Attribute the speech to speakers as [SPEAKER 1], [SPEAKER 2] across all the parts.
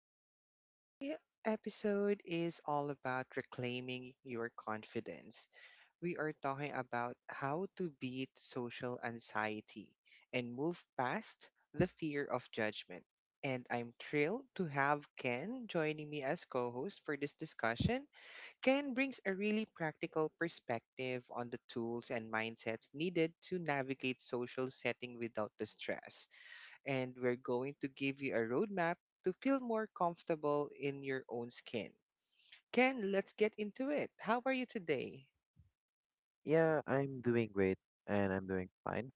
[SPEAKER 1] Today episode is all about reclaiming your confidence. We are talking about how to beat social anxiety and move past the fear of judgment. And I'm thrilled to have Ken joining me as co-host for this discussion. Ken brings a really practical perspective on the tools and mindsets needed to navigate social setting without the stress, and we're going to give you a roadmap to feel more comfortable in your own skin. Ken, let's get into it. How are you today?
[SPEAKER 2] Yeah, I'm doing great and I'm doing fine.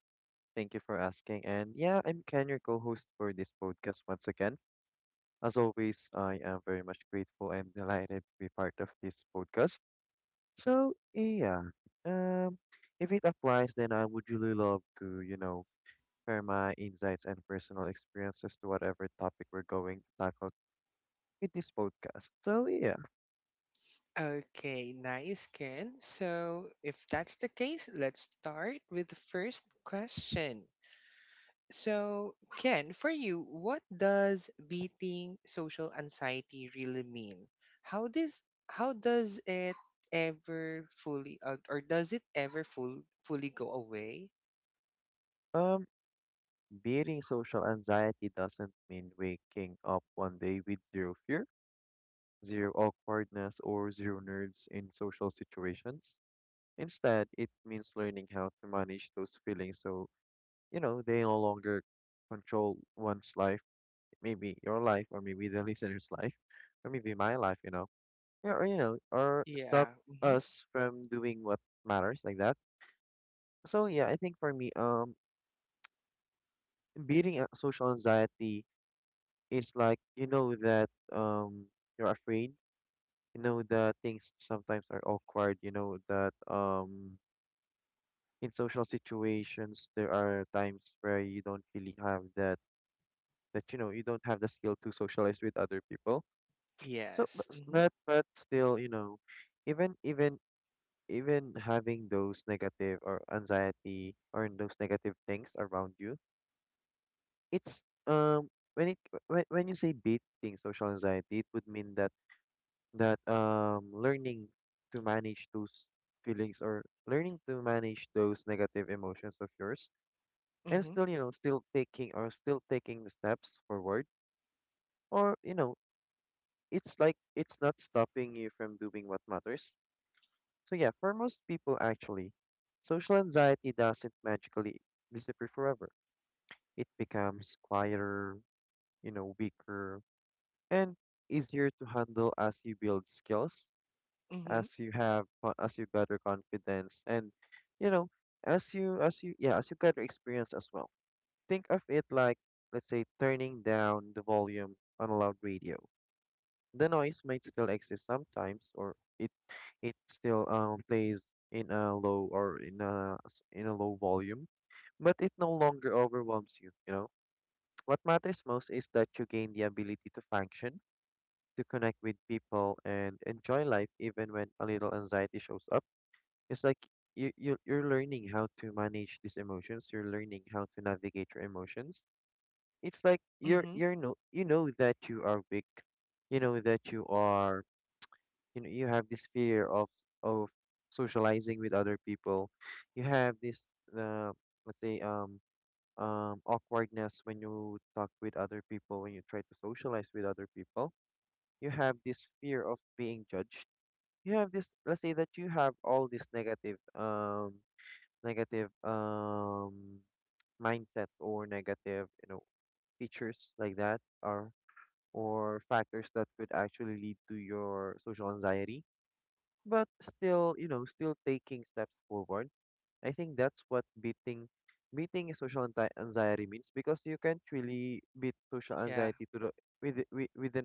[SPEAKER 2] Thank you for asking. And yeah, I'm Ken, your co-host for this podcast once again. As always, I am very much grateful and delighted to be part of this podcast. So yeah, um, if it applies, then I would really love to, you know, share my insights and personal experiences to whatever topic we're going to tackle with this podcast. So yeah,
[SPEAKER 1] Okay, nice, Ken. So, if that's the case, let's start with the first question. So, Ken, for you, what does beating social anxiety really mean? How does how does it ever fully or does it ever fully go away?
[SPEAKER 2] um, beating social anxiety doesn't mean waking up one day with zero fear, zero awkwardness, or zero nerves in social situations. Instead, it means learning how to manage those feelings so, you know, they no longer control one's life, maybe your life, or maybe the listener's life, or maybe my life, you know, yeah, or, you know, or stop
[SPEAKER 1] Yeah.
[SPEAKER 2] us from doing what matters like that. So, yeah, I think for me, social anxiety is like, you know, that, you're afraid, you know, the things sometimes are awkward, you know that in social situations there are times where you don't really have that you know, you don't have the skill to socialize with other people. so but
[SPEAKER 1] Yes.
[SPEAKER 2] s-
[SPEAKER 1] Mhm.
[SPEAKER 2] but, but still, you know, even even having those negative or anxiety or those negative things around you, it's um when it when you say beating social anxiety, it would mean that learning to manage those feelings, or learning to manage those negative emotions of yours and
[SPEAKER 1] Mhm.
[SPEAKER 2] still, you know, still taking the steps forward, or, you know, it's like it's not stopping you from doing what matters. So yeah, for most people actually, social anxiety doesn't magically disappear forever. It becomes quieter, you know, weaker, and easier to handle as you build skills, as
[SPEAKER 1] Mhm.
[SPEAKER 2] you as you gather confidence and, you know, as you gather experience as well. Think of it like, let's say, turning down the volume on a loud radio. The noise might still exist sometimes, or it still plays in a low, or in a in a low volume, but it no longer overwhelms you, you know. What matters most is that you gain the ability to function, to connect with people, and enjoy life even when a little anxiety shows up. It's like you you're learning how to manage these emotions, you're learning how to navigate your emotions. It's like you're
[SPEAKER 1] Mhm.
[SPEAKER 2] you're no, you know that you are weak, you know that you are, you know, you have this fear of socializing with other people. You have this uh, let's say awkwardness when you talk with other people, when you try to socialize with other people. You have this fear of being judged. You have this, let's say that you have all these negative negative mindsets, or negative, you know, features like that, or factors that could actually lead to your social anxiety. But still, you know, still taking steps forward. I think that's what beating social anxiety means, because you can't really beat social
[SPEAKER 1] Yeah.
[SPEAKER 2] anxiety to the, with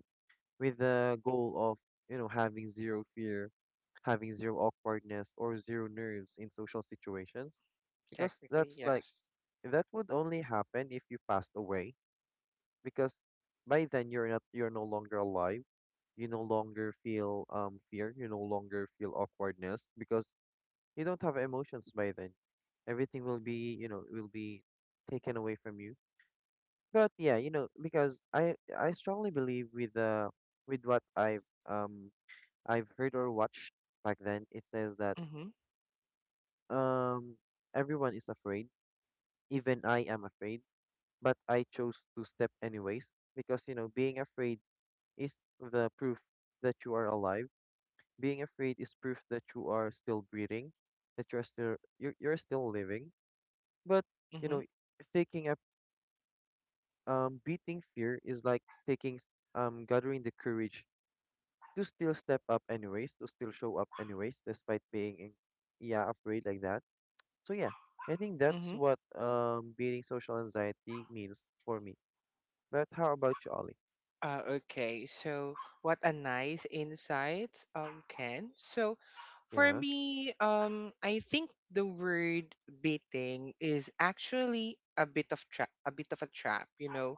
[SPEAKER 2] with the goal of, you know, having zero fear, having zero awkwardness, or zero nerves in social situations, because
[SPEAKER 1] Technically,
[SPEAKER 2] that's like,
[SPEAKER 1] yes.
[SPEAKER 2] that would only happen if you passed away, because by then you're not, you're no longer alive. You no longer feel fear, you no longer feel awkwardness, because you don't have emotions by then. Everything will be, you know, will be taken away from you. But yeah, you know, because I strongly believe with what I've um I've heard or watched back then, it says that
[SPEAKER 1] Mhm.
[SPEAKER 2] um everyone is afraid, even I am afraid, but I chose to step anyways, because, you know, being afraid is the proof that you are alive. Being afraid is proof that you are still breathing, that you're still living. But, you know,
[SPEAKER 1] Mhm.
[SPEAKER 2] taking up beating fear is like taking s- gathering the courage to still step up anyways, to still show up anyways, despite being in, yeah, afraid like that. So yeah, I think that's
[SPEAKER 1] Mhm.
[SPEAKER 2] what beating social anxiety means for me. But how about you, Ollie?
[SPEAKER 1] Okay. So, what a nice insight, Ken. So, for
[SPEAKER 2] Yeah,
[SPEAKER 1] me, I think the word baiting is actually a bit of a trap, you know,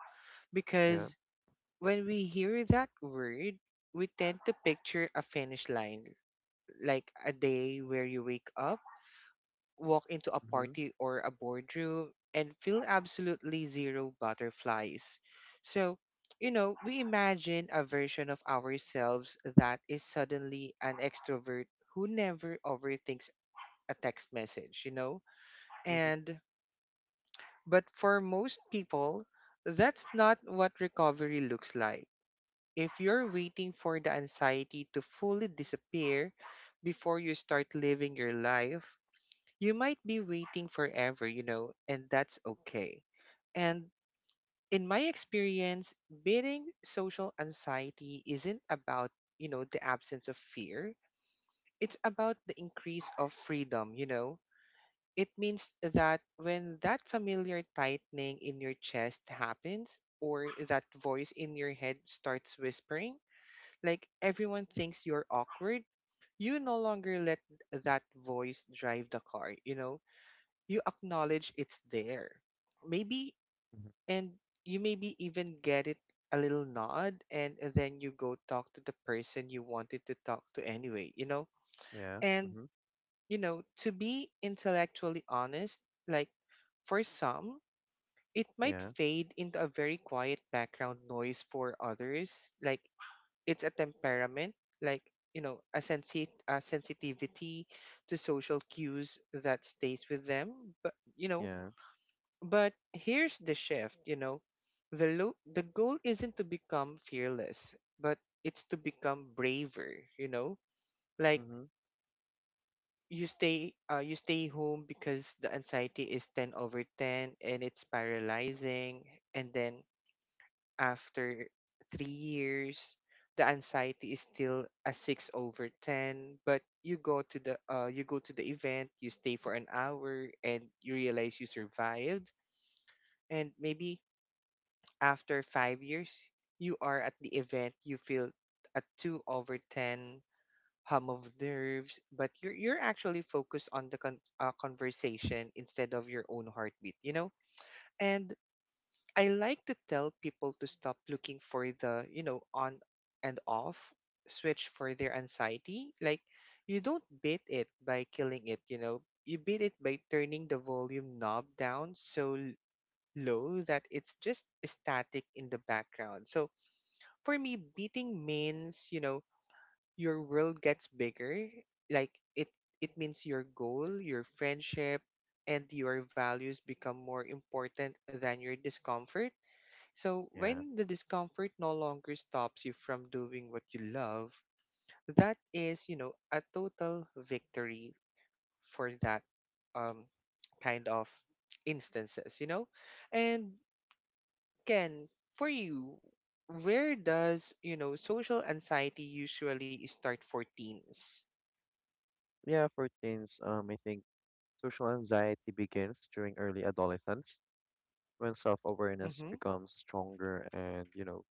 [SPEAKER 2] yeah.
[SPEAKER 1] because when we hear that word, we tend to picture a finish line, like a day where you wake up, walk into a
[SPEAKER 2] Mhm,
[SPEAKER 1] party or a boardroom and feel absolutely zero butterflies. So, you know, we imagine a version of ourselves that is suddenly an extrovert who never overthinks a text message, you know?
[SPEAKER 2] mhm,
[SPEAKER 1] And, but for most people, that's not what recovery looks like. If you're waiting for the anxiety to fully disappear before you start living your life, you might be waiting forever, you know, and that's okay. And in my experience, beating social anxiety isn't about, you know, the absence of fear. It's about the increase of freedom, you know. It means that when that familiar tightening in your chest happens, or that voice in your head starts whispering, like everyone thinks you're awkward, you no longer let that voice drive the car, you know, you acknowledge it's there. Maybe,
[SPEAKER 2] mhm.
[SPEAKER 1] and you maybe even get it a little nod, and then you go talk to the person you wanted to talk to anyway, you know?
[SPEAKER 2] Yeah,
[SPEAKER 1] And,
[SPEAKER 2] mhm,
[SPEAKER 1] you know, to be intellectually honest, like, for some, it might
[SPEAKER 2] yeah,
[SPEAKER 1] fade into a very quiet background noise for others. Like, it's a temperament, like, you know, a sensitivity to social cues that stays with them. But, you know,
[SPEAKER 2] yeah,
[SPEAKER 1] but here's the shift, you know. The goal isn't to become fearless, but it's to become braver, you know? Like,
[SPEAKER 2] mhm,
[SPEAKER 1] you stay home because the anxiety is 10 over 10 and it's paralyzing, and then after 3 years the anxiety is still a 6 over 10, but you go to the you go to the event, you stay for an hour and you realize you survived. And maybe after 5 years, you are at the event, you feel a two over 10 hum of nerves, but you're actually focused on the conversation instead of your own heartbeat, you know? And I like to tell people to stop looking for the, you know, on and off switch for their anxiety. Like, you don't beat it by killing it, you know? You beat it by turning the volume knob down so low that it's just static in the background. So for me, beating means, you know, your world gets bigger. Like, it means your goal, your friendship, and your values become more important than your discomfort. So
[SPEAKER 2] yeah.
[SPEAKER 1] when the discomfort no longer stops you from doing what you love, that is, you know, a total victory for that um kind of instances, you know? And Ken, for you, where does, you know, social anxiety usually start for teens?
[SPEAKER 2] Yeah, for teens, I think social anxiety begins during early adolescence, when self-awareness
[SPEAKER 1] Mm-hmm.
[SPEAKER 2] becomes stronger and, you know,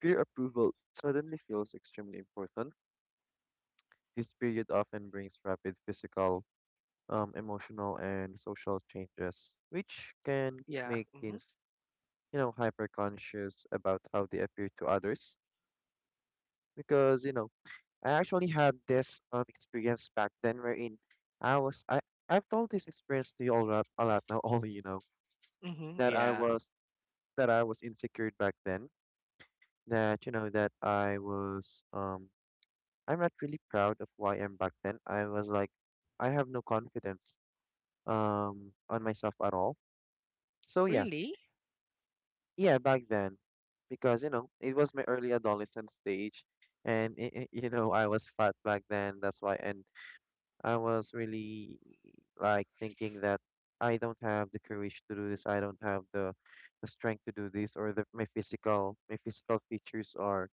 [SPEAKER 2] peer approval suddenly feels extremely important. This period often brings rapid physical, emotional, and social changes, which can
[SPEAKER 1] Yeah.
[SPEAKER 2] make
[SPEAKER 1] Mm-hmm.
[SPEAKER 2] teens, you know, hyper-conscious about how they appear to others, because, you know, I actually had this experience back then, wherein I was I I've told this experience to you all a lot now, all, you know,
[SPEAKER 1] Mm-hmm.
[SPEAKER 2] that I
[SPEAKER 1] Yeah.
[SPEAKER 2] was that I was insecure back then. That you know that I was I'm not really proud of who I am back then. I was like, I have no confidence on myself at all. So yeah,
[SPEAKER 1] Really?
[SPEAKER 2] yeah, back then, because, you know, it was my early adolescent stage, and you know, I was fat back then. That's why, and I was really like thinking that I don't have the courage to do this. I don't have the strength to do this, or the, my physical features are,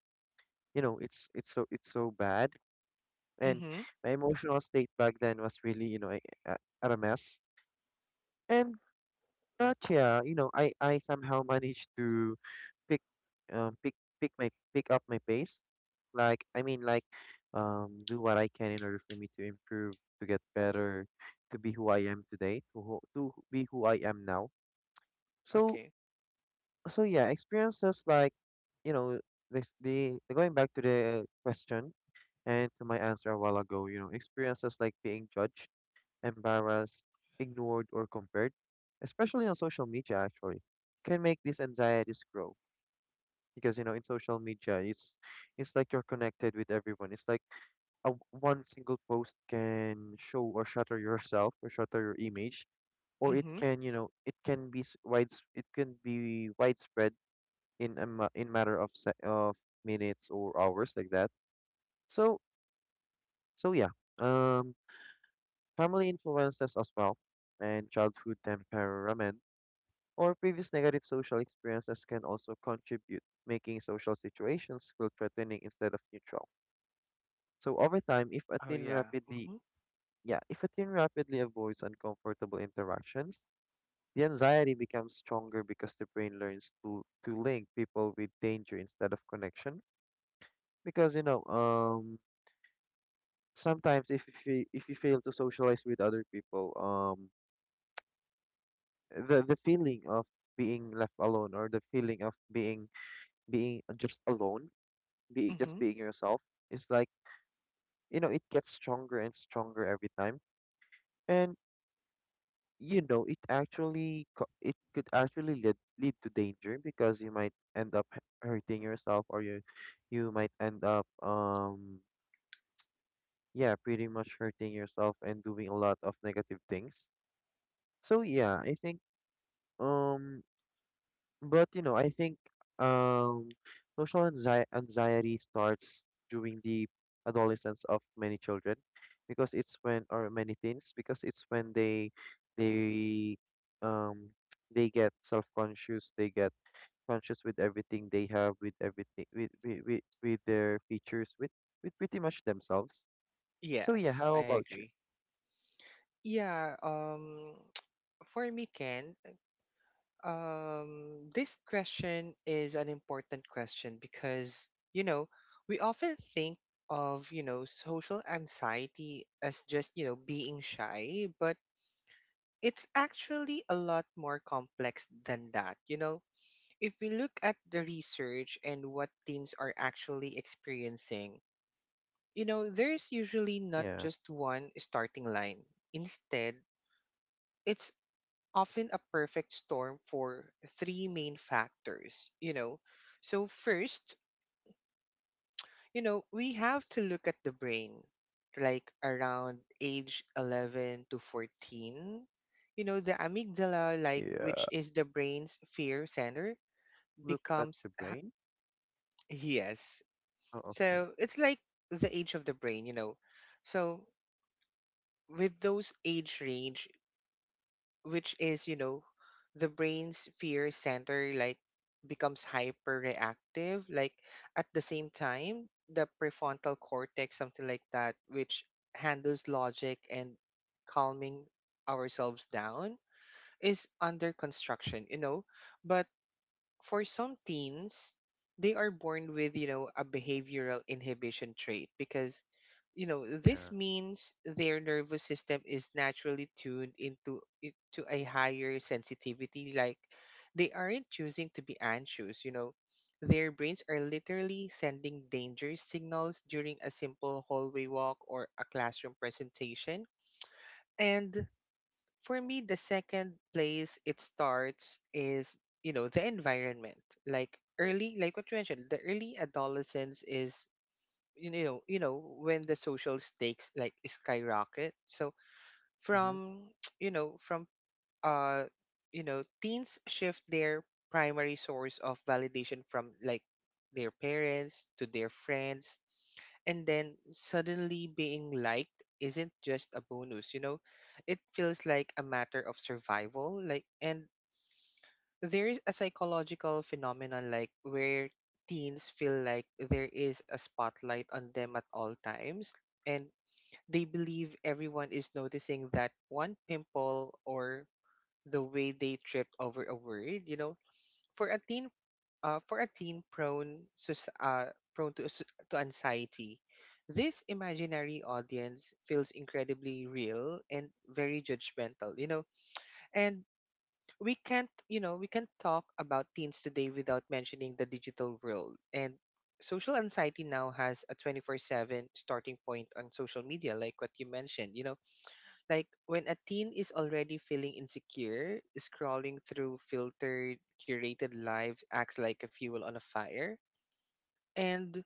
[SPEAKER 2] you know, it's so it's so bad. And
[SPEAKER 1] Mm-hmm.
[SPEAKER 2] my emotional state back then was really, you know, at a mess. And but yeah, you know, I somehow managed to pick pick pick my pick up my pace. Like I mean, like, do what I can in order for me to improve, to get better, to be who I am today, to be who I am now. So,
[SPEAKER 1] Okay.
[SPEAKER 2] so yeah, experiences like, you know, this, the going back to the question and to my answer a while ago, you know, experiences like being judged, embarrassed, ignored, or compared, especially on social media actually, can make these anxieties grow, because, you know, in social media, it's like you're connected with everyone. It's like one single post can show or shatter yourself, or shatter your image, or it
[SPEAKER 1] Mm-hmm.
[SPEAKER 2] can, you know, it can be s- wides it can be widespread in in matter of minutes or hours like that. So, so yeah, um family influences as well, and childhood temperament, or previous negative social experiences can also contribute, making social situations feel threatening instead of neutral. So over time, if a
[SPEAKER 1] Oh
[SPEAKER 2] teen
[SPEAKER 1] yeah.
[SPEAKER 2] rapidly,
[SPEAKER 1] Mm-hmm.
[SPEAKER 2] yeah, if a teen rapidly avoids uncomfortable interactions, the anxiety becomes stronger, because the brain learns to link people with danger instead of connection. Because, you know, sometimes if you fail to socialize with other people, the feeling of being left alone, or the feeling of being, being just alone, be just
[SPEAKER 1] Mm-hmm.
[SPEAKER 2] being yourself, is like, you know, it gets stronger and stronger every time. And, you know, it actually it could actually lead to danger, because you might end up hurting yourself, or you might end up yeah, pretty much hurting yourself and doing a lot of negative things. So yeah, I think um but you know, I think um, social anxiety starts during the adolescence of many children, because it's when, or many teens, because it's when they um they get self-conscious, they get conscious with everything they have, with everything, with their features, with pretty much themselves. So yeah,
[SPEAKER 1] Yes,
[SPEAKER 2] how
[SPEAKER 1] I
[SPEAKER 2] about you?
[SPEAKER 1] agree. Yeah. For me, Ken, this question is an important question because, you know, we often think of, you know, social anxiety as just, you know, being shy, but it's actually a lot more complex than that. You know, if we look at the research and what teens are actually experiencing, you know, there's usually not
[SPEAKER 2] Yeah,
[SPEAKER 1] just one starting line. Instead, it's often a perfect storm for three main factors, you know. So, first, you know, we have to look at the brain, like around age 11 to 14. You know, the amygdala, like
[SPEAKER 2] yeah.
[SPEAKER 1] which is the brain's fear center,
[SPEAKER 2] Look at
[SPEAKER 1] becomes
[SPEAKER 2] the brain.
[SPEAKER 1] yes.
[SPEAKER 2] Oh, okay.
[SPEAKER 1] So it's like the age of the brain, you know. So with those age range, which is, you know, the brain's fear center like becomes hyperreactive, like at the same time the prefrontal cortex, something like that, which handles logic and calming ourselves down is under construction, you know. But for some teens, they are born with, you know, a behavioral inhibition trait because, you know, this
[SPEAKER 2] Yeah.
[SPEAKER 1] means their nervous system is naturally tuned to a higher sensitivity. Like, they aren't choosing to be anxious, you know. Their brains are literally sending danger signals during a simple hallway walk or a classroom presentation. And for me the second place it starts is, you know, the environment, like early, like what you mentioned, the early adolescence is, you know, you know, when the social stakes like skyrocket. So
[SPEAKER 2] Mm-hmm.
[SPEAKER 1] from, you know, from uh you know, teens shift their primary source of validation from, like, their parents to their friends, and then suddenly being liked isn't just a bonus, you know, it feels like a matter of survival, like. And there is a psychological phenomenon like where teens feel like there is a spotlight on them at all times, and they believe everyone is noticing that one pimple or the way they trip over a word, you know, for a teen, for a teen prone, prone to anxiety, this imaginary audience feels incredibly real and very judgmental, you know. And we can't, you know, we can't talk about teens today without mentioning the digital world. And social anxiety now has a 24/7 starting point on social media, like what you mentioned, you know, like when a teen is already feeling insecure, scrolling through filtered, curated lives acts like a fuel on a fire. And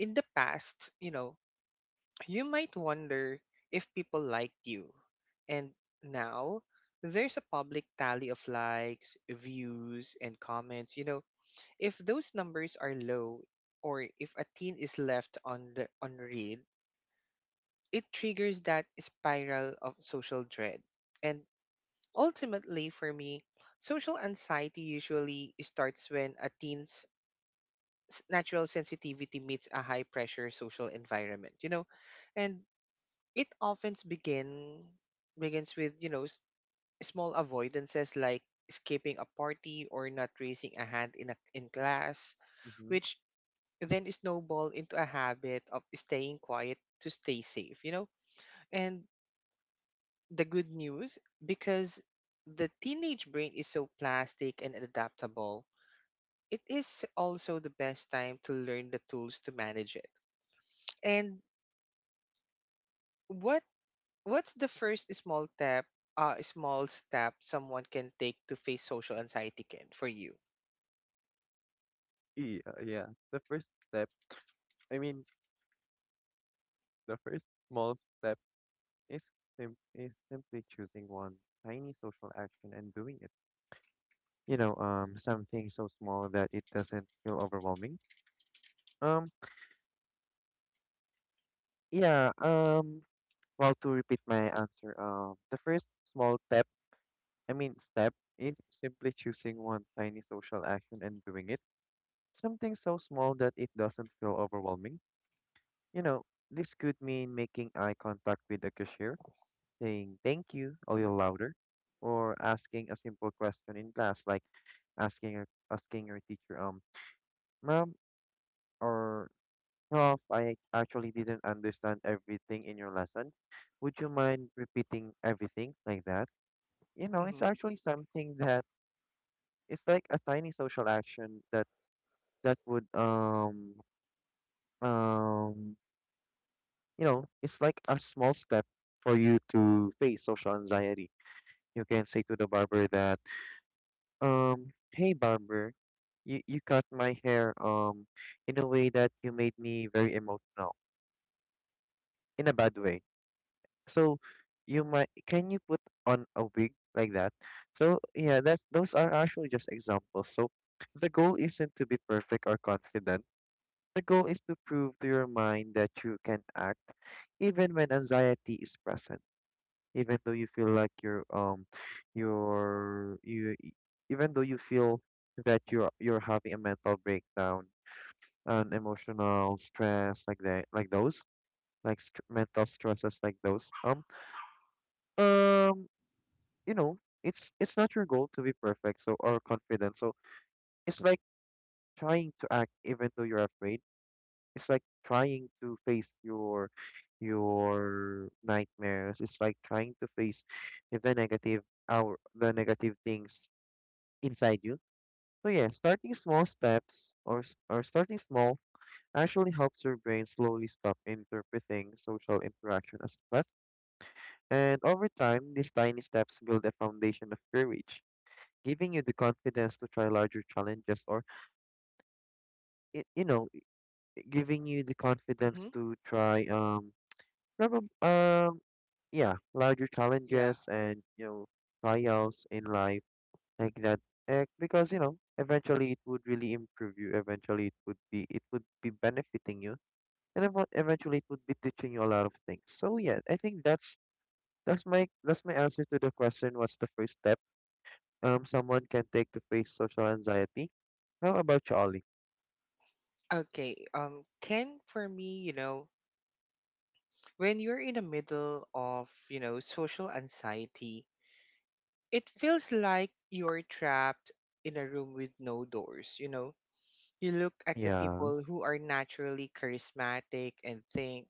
[SPEAKER 1] in the past, you know, you might wonder if people liked you. And now, there's a public tally of likes, views, and comments. You know, if those numbers are low, or if a teen is left on the unread, it triggers that spiral of social dread. And ultimately, for me, social anxiety usually starts when a teen's natural sensitivity meets a high pressure social environment, you know, and it often begin, begins with, you know, small avoidances like skipping a party or not raising a hand in class,
[SPEAKER 2] Mm-hmm.
[SPEAKER 1] which then snowball into a habit of staying quiet to stay safe, you know. And the good news, because the teenage brain is so plastic and adaptable, it is also the best time to learn the tools to manage it. And what what's the first small step, small step someone can take to face social anxiety, Ken, for you?
[SPEAKER 2] Yeah, yeah. The first step I mean, the first small step is simply choosing one tiny social action and doing it. You know, something so small that it doesn't feel overwhelming. Um, yeah, well, to repeat my answer, the first small step, I mean step, is simply choosing one tiny social action and doing it. Something so small that it doesn't feel overwhelming. You know, this could mean making eye contact with the cashier, saying thank you a little louder, or asking a simple question in class, like asking your teacher, ma'am or prof, I actually didn't understand everything in your lesson. Would you mind repeating everything like that? You know, it's
[SPEAKER 1] Mm-hmm.
[SPEAKER 2] actually something that it's like a tiny social action that, that would um you know, it's like a small step for you to face social anxiety. You can say to the barber that, um, hey barber, you cut my hair in a way that you made me very emotional in a bad way. So you might, can you put on a wig like that? So yeah, that's those are actually just examples. So the goal isn't to be perfect or confident. The goal is to prove to your mind that you can act even when anxiety is present. Even though you feel like you're you e- even though you feel that you're having a mental breakdown and emotional stress like that, like those, mental stresses like those, um you know it's not your goal to be perfect, so, or confident, so it's like trying to act even though you're afraid. It's like trying to face your nightmares. It's like trying to face the negative, things inside you. So yeah, starting small steps, or starting small, actually helps your brain slowly stop interpreting social interaction as a threat. And over time, these tiny steps build a foundation of courage, giving you the confidence to try larger challenges, or y- you know, giving you the confidence
[SPEAKER 1] Mm-hmm.
[SPEAKER 2] to try, probably, yeah, larger
[SPEAKER 1] Yeah.
[SPEAKER 2] challenges and trials in life like that. Because eventually it would really improve you. Eventually, it would be benefiting you, and eventually it would be teaching you a lot of things. So yeah, I think that's my answer to the question. What's the first step someone can take to face social anxiety? How about you, Ollie?
[SPEAKER 1] Okay. Um, Ken, for me, you know, when you're in the middle of, you know, social anxiety, it feels like you're trapped in a room with no doors, you know? You look at the
[SPEAKER 2] Yeah.
[SPEAKER 1] people who are naturally charismatic and think,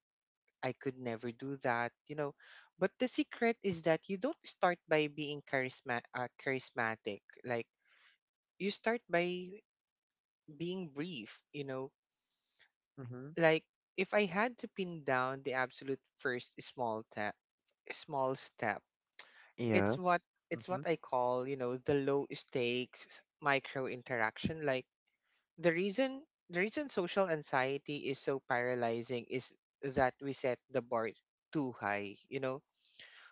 [SPEAKER 1] I could never do that, you know? But the secret is that you don't start by being charismatic. Like, you start by being brief, you know?
[SPEAKER 2] Mm-hmm.
[SPEAKER 1] Like, if I had to pin down the absolute first small step, small step,
[SPEAKER 2] Yeah.
[SPEAKER 1] it's what it's
[SPEAKER 2] Mm-hmm.
[SPEAKER 1] what I call, you know, the low stakes micro interaction. Like the reason the reason social anxiety is so paralyzing is that we set the bar too high, you know.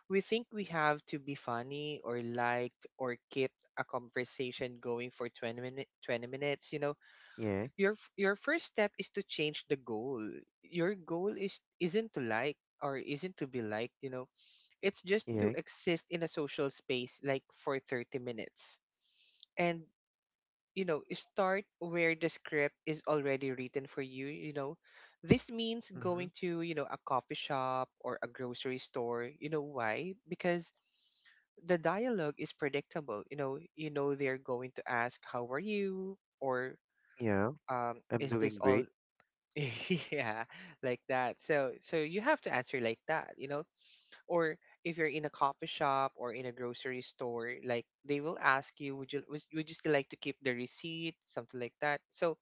[SPEAKER 1] We think we have to be funny or liked or keep a conversation going for 20 minutes, you know.
[SPEAKER 2] Yeah.
[SPEAKER 1] Your first step is to change the goal. Your goal is isn't to like or isn't to be liked, you know, it's just to
[SPEAKER 2] Yeah.
[SPEAKER 1] exist in a social space, like for 30 minutes. And, you know, start where the script is already written for you, you know. This means
[SPEAKER 2] Mm-hmm.
[SPEAKER 1] going to, you know, a coffee shop or a grocery store. You know why? Because the dialogue is predictable. You know they're going to ask, "How are you?" or
[SPEAKER 2] Yeah. I'm
[SPEAKER 1] "Is this
[SPEAKER 2] doing
[SPEAKER 1] all?"
[SPEAKER 2] great.
[SPEAKER 1] yeah, like that. So, so you have to answer like that. Or if you're in a coffee shop or in a grocery store, like they will ask you, would you, would you still like to keep the receipt, something like that. So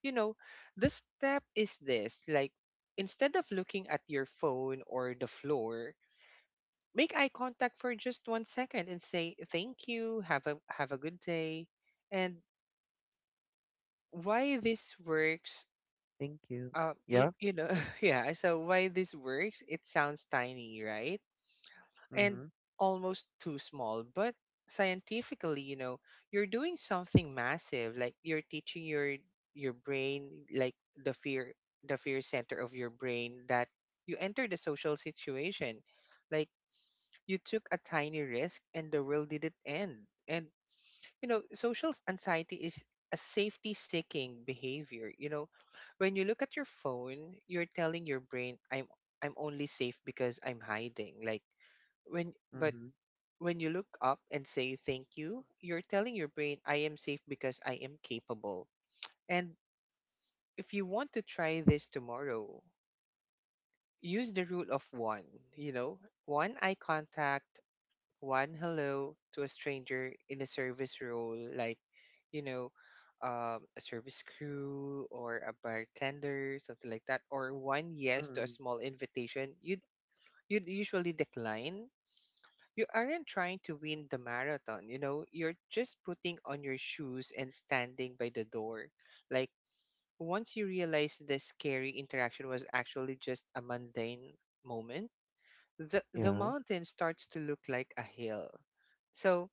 [SPEAKER 1] you know the step is this, like instead of looking at your phone or the floor, make eye contact for just 1 second and say thank you, have a good day. And why this works,
[SPEAKER 2] Thank you.
[SPEAKER 1] uh, you,
[SPEAKER 2] Yeah.
[SPEAKER 1] you know yeah, so why this works, it sounds tiny, right? And
[SPEAKER 2] Mm-hmm.
[SPEAKER 1] almost too small. But scientifically, you know, you're doing something massive. Like you're teaching your brain, like the fear center of your brain that you entered a social situation. Like you took a tiny risk and the world didn't end. And you know, social anxiety is a safety seeking behavior. You know, when you look at your phone, you're telling your brain, I'm only safe because I'm hiding. Like when but
[SPEAKER 2] Mm-hmm.
[SPEAKER 1] when you look up and say thank you, you're telling your brain, I am safe because I am capable. And if you want to try this tomorrow, use the rule of one, you know, one eye contact, one hello to a stranger in a service role, like, you know, a service crew or a bartender, something like that, or one yes to a
[SPEAKER 2] Mm-hmm.
[SPEAKER 1] small invitation you'd usually decline. You aren't trying to win the marathon, you know, you're just putting on your shoes and standing by the door. Like, once you realize the scary interaction was actually just a mundane moment, the
[SPEAKER 2] Yeah.
[SPEAKER 1] mountain starts to look like a hill. So,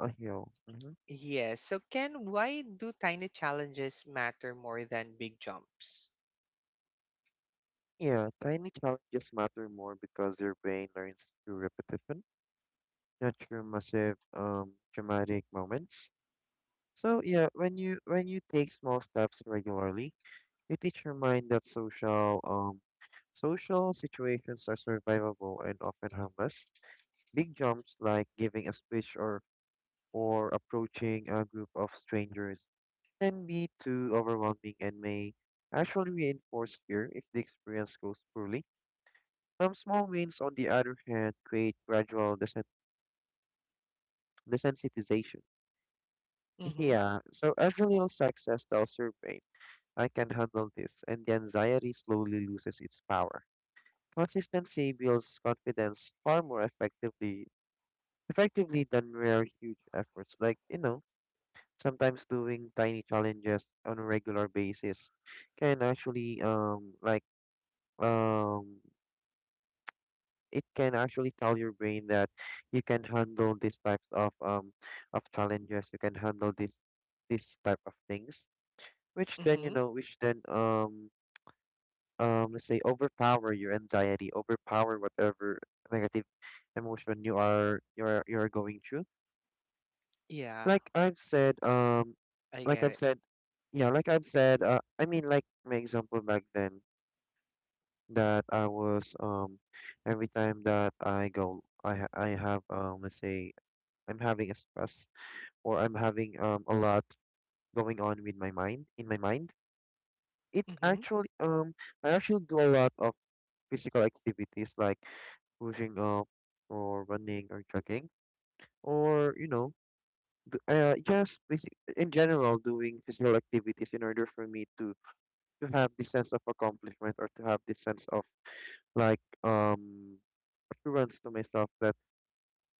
[SPEAKER 2] A heel. Mm-hmm.
[SPEAKER 1] yes, so Ken, why do tiny challenges matter more than big jumps?
[SPEAKER 2] Yeah. Tiny challenges matter more because your brain learns through repetition, not through massive, dramatic moments. So yeah, when you take small steps regularly, you teach your mind that social situations are survivable and often harmless. Big jumps like giving a speech, or approaching a group of strangers, can be too overwhelming and may actually reinforce fear if the experience goes poorly. Small wins, on the other hand, create gradual desensitization.
[SPEAKER 1] Mm hmm.
[SPEAKER 2] Yeah, so every little success tells your brain, I can handle this, and the anxiety slowly loses its power. Consistency builds confidence far more effectively than rare huge efforts. Like, sometimes doing tiny challenges on a regular basis can actually, um it can actually tell your brain that you can handle these types of, of challenges. You can handle this type of things,
[SPEAKER 1] Mm hmm.
[SPEAKER 2] which then, let's say, overpower your anxiety, overpower whatever negative emotion you are you're going through.
[SPEAKER 1] Yeah,
[SPEAKER 2] like i've said um
[SPEAKER 1] I
[SPEAKER 2] like
[SPEAKER 1] get
[SPEAKER 2] i've
[SPEAKER 1] it.
[SPEAKER 2] said yeah like I've said, I mean, like, my example back then, that I was, every time that I go, I have, let's say, I'm having a stress, or I'm having, a lot going on with my mind,
[SPEAKER 1] Mm
[SPEAKER 2] it
[SPEAKER 1] hmm.
[SPEAKER 2] actually, I actually do a lot of physical activities, like pushing up, or running, or jogging, or just basic, in general, doing physical activities in order for me to have this sense of accomplishment, or to have this sense of, like um assurance to myself that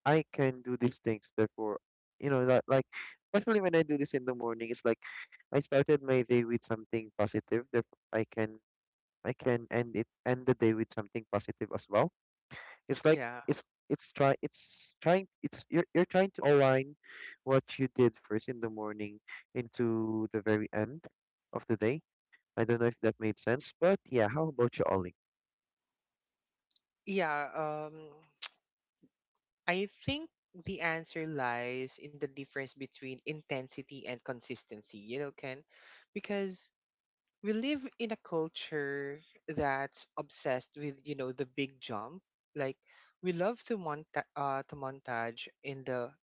[SPEAKER 2] I can do these things. Therefore, that, like, especially when I do this in the morning, it's like I started my day with something positive. Therefore, I can end the day with something positive as well. It's like,
[SPEAKER 1] Yeah.
[SPEAKER 2] it's it's try it's trying it's you're trying to align what you did first in the morning into the very end of the day. I don't know if that made sense, but yeah. How about you, Ollie?
[SPEAKER 1] Yeah. Um, I think the answer lies in the difference between intensity and consistency, you know, Ken, because we live in a culture that's obsessed with, you know, the big jump. Like we love to to montage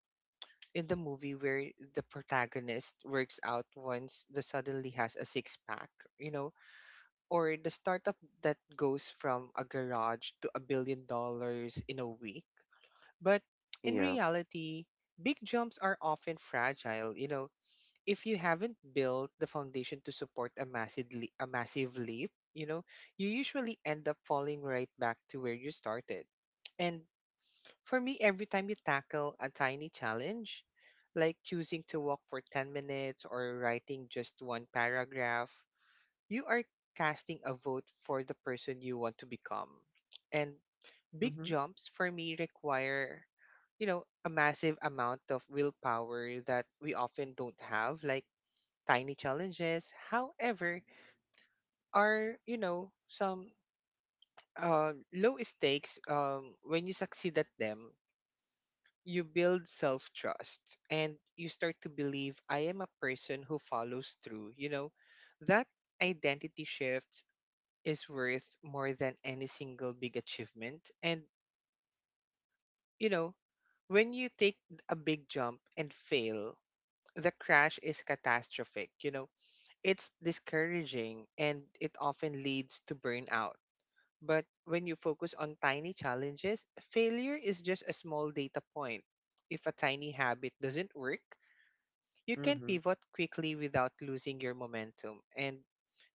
[SPEAKER 1] in the movie where the protagonist works out once the suddenly has a six pack, you know, or the startup that goes from a garage to $1 billion in a week. But in
[SPEAKER 2] Yeah.
[SPEAKER 1] reality, big jumps are often fragile. You know, if you haven't built the foundation to support a massive leap, you know, you usually end up falling right back to where you started. And for me, every time you tackle a tiny challenge, like choosing to walk for 10 minutes or writing just one paragraph, you are casting a vote for the person you want to become. And big
[SPEAKER 2] Mhm.
[SPEAKER 1] jumps for me require, you know, a massive amount of willpower that we often don't have, like tiny challenges. However, are, you know, some low stakes, when you succeed at them, you build self trust and you start to believe I am a person who follows through. You know, that identity shift is worth more than any single big achievement. And you know, when you take a big jump and fail, the crash is catastrophic. You know, it's discouraging and it often leads to burnout. But when you focus on tiny challenges, failure is just a small data point. If a tiny habit doesn't work, you can
[SPEAKER 2] Mhm.
[SPEAKER 1] pivot quickly without losing your momentum. And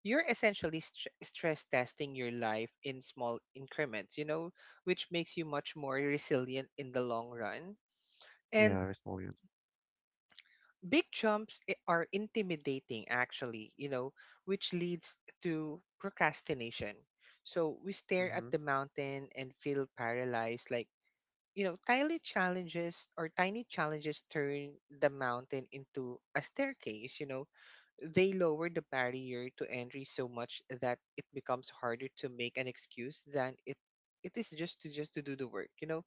[SPEAKER 1] you're essentially stress testing your life in small increments, you know, which makes you much more resilient in the long run.
[SPEAKER 2] Yeah,
[SPEAKER 1] And
[SPEAKER 2] Restolian.
[SPEAKER 1] big jumps are intimidating, actually, you know, which leads to procrastination. So we stare at
[SPEAKER 2] Mhm.
[SPEAKER 1] the mountain and feel paralyzed. Like, you know, tiny challenges turn the mountain into a staircase, you know. They lower the barrier to entry so much that it becomes harder to make an excuse than it is just to do the work, you know.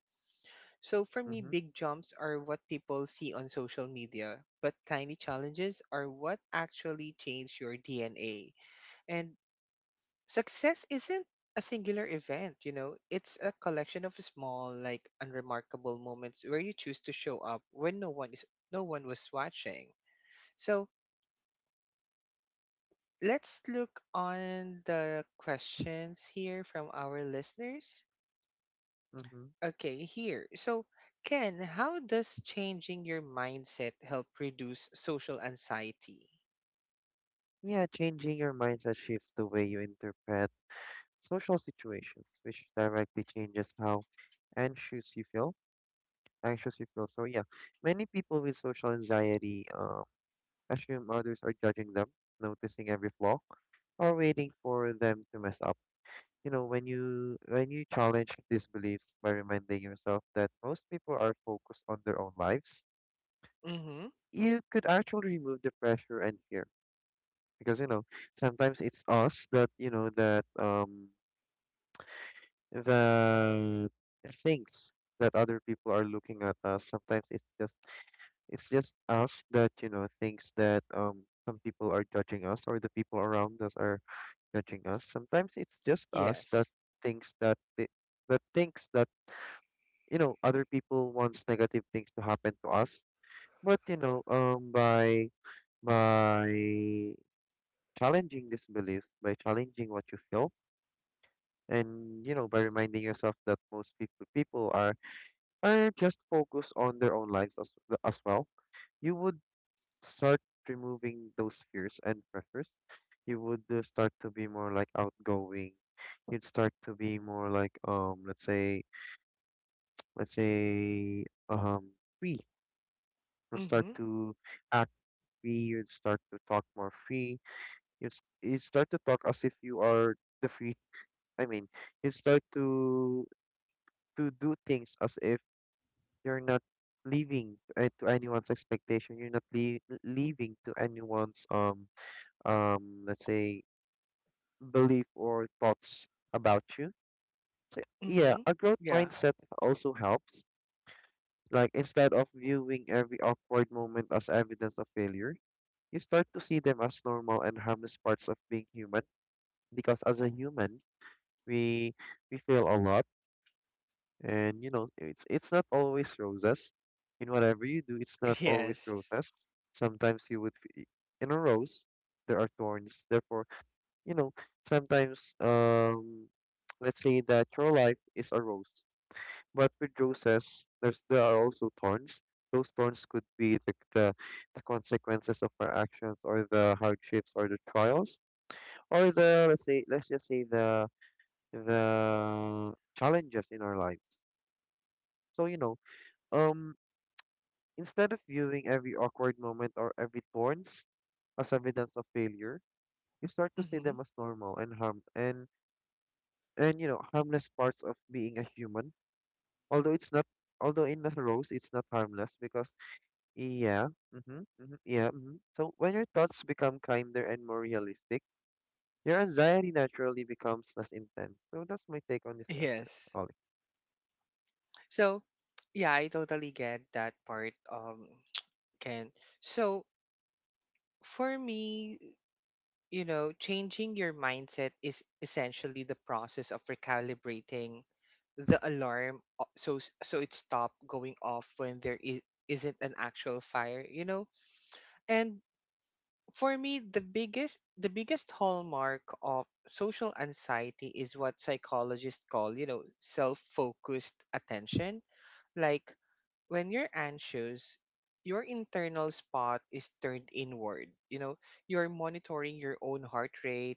[SPEAKER 1] So for me,
[SPEAKER 2] Mhm.
[SPEAKER 1] big jumps are what people see on social media, but tiny challenges are what actually change your DNA. And success isn't a singular event, you know, it's a collection of small, like unremarkable moments where you choose to show up when no one was watching. So let's look on the questions here from our listeners.
[SPEAKER 2] Mhm.
[SPEAKER 1] Okay, here. So, Ken, how does changing your mindset help reduce social anxiety?
[SPEAKER 2] Yeah, changing your mindset shifts the way you interpret social situations, which directly changes how anxious you feel. So yeah, many people with social anxiety, assume others are judging them, noticing every flaw, or waiting for them to mess up. You know, when you challenge these beliefs by reminding yourself that most people are focused on their own lives,
[SPEAKER 1] Mm-hmm.
[SPEAKER 2] you could actually remove the pressure and fear. Because sometimes it's us that, the things that other people are looking at us, sometimes it's just us that, thinks that, some people are judging us, or the people around us are judging us. Sometimes it's just us that
[SPEAKER 1] Yes.
[SPEAKER 2] thinks that the that thinks that, other people wants negative things to happen to us. But by by challenging these beliefs, by challenging what you feel, and by reminding yourself that most people are or just focus on their own lives, as well, you would start removing those fears and pressures. You would, start to be more like outgoing. You'd start to be more like, let's say, let's say um free. You'll start
[SPEAKER 1] Mm-hmm.
[SPEAKER 2] to act free. You'd start to talk more free. You'd start to talk as if you are the free. I mean, you'd start to do things as if you're not leaving, to anyone's expectation. You're not leaving to anyone's, let's say, belief or thoughts about you. Yeah,
[SPEAKER 1] Mm-hmm.
[SPEAKER 2] a growth
[SPEAKER 1] Yeah.
[SPEAKER 2] mindset also helps. Like, instead of viewing every awkward moment as evidence of failure, you start to see them as normal and harmless parts of being human. Because as a human, we we fail a lot, and it's not always roses. In whatever you do, it's not always
[SPEAKER 1] Yes.
[SPEAKER 2] roses. Sometimes in a rose there are thorns, therefore, you know sometimes, let's say that your life is a rose, but with roses there are also thorns. Those thorns could be the consequences of our actions, or the hardships, or the trials, or the let's say let's just say, the challenges in our lives. So, um instead of viewing every awkward moment, or every thorns, as evidence of failure, you start to see
[SPEAKER 1] Mm-hmm.
[SPEAKER 2] them as normal and harmless parts of being a human. Although it's not, Although, in a rose it's not harmless because, yeah. Mm-hmm. Mm-hmm. Yeah. Mm-hmm. So when your thoughts become kinder and more realistic, your anxiety naturally becomes less intense. So that's my take on this question,
[SPEAKER 1] Yes.
[SPEAKER 2] Ollie.
[SPEAKER 1] So, yeah, I totally get that part, Ken. So, for me, you know, changing your mindset is essentially the process of recalibrating the so it stopped going off when isn't an actual fire, you know. And for me, the biggest hallmark of social anxiety is what psychologists call, you know, self-focused attention. Like when you're anxious, your internal spot is turned inward, you know, you're monitoring your own heart rate,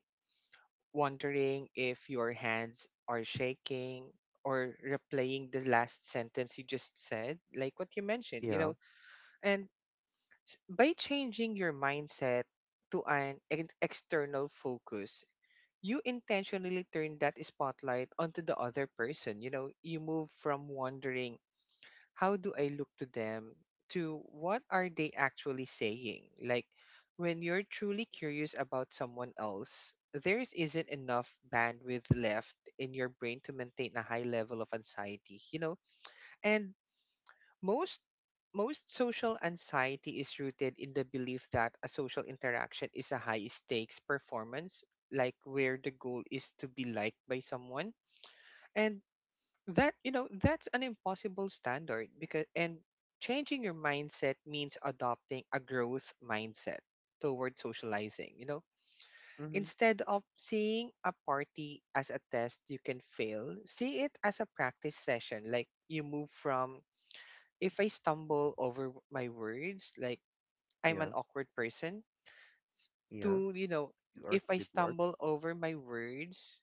[SPEAKER 1] wondering if your hands are shaking, or replaying the last sentence you just said, like what you mentioned, you
[SPEAKER 2] Yeah.
[SPEAKER 1] know. And by changing your mindset to an external focus, you intentionally turn that spotlight onto the other person. You know, you move from wondering how do I look to them to what are they actually saying? Like when you're truly curious about someone else, there isn't enough bandwidth left in your brain to maintain a high level of anxiety, you know? And most most social anxiety is rooted in the belief that a social interaction is a high stakes performance, like where the goal is to be liked by someone. And that, you know, that's an impossible standard because, and changing your mindset means adopting a growth mindset towards socializing, you know,
[SPEAKER 2] Mm-hmm.
[SPEAKER 1] instead of seeing a party as a test you can fail, see it as a practice session. Like you move from, if I stumble over my words, like I'm an
[SPEAKER 2] Yeah.
[SPEAKER 1] awkward person,
[SPEAKER 2] Yeah.
[SPEAKER 1] to, you know,
[SPEAKER 2] You are
[SPEAKER 1] if I
[SPEAKER 2] Squidward.
[SPEAKER 1] stumble over my words,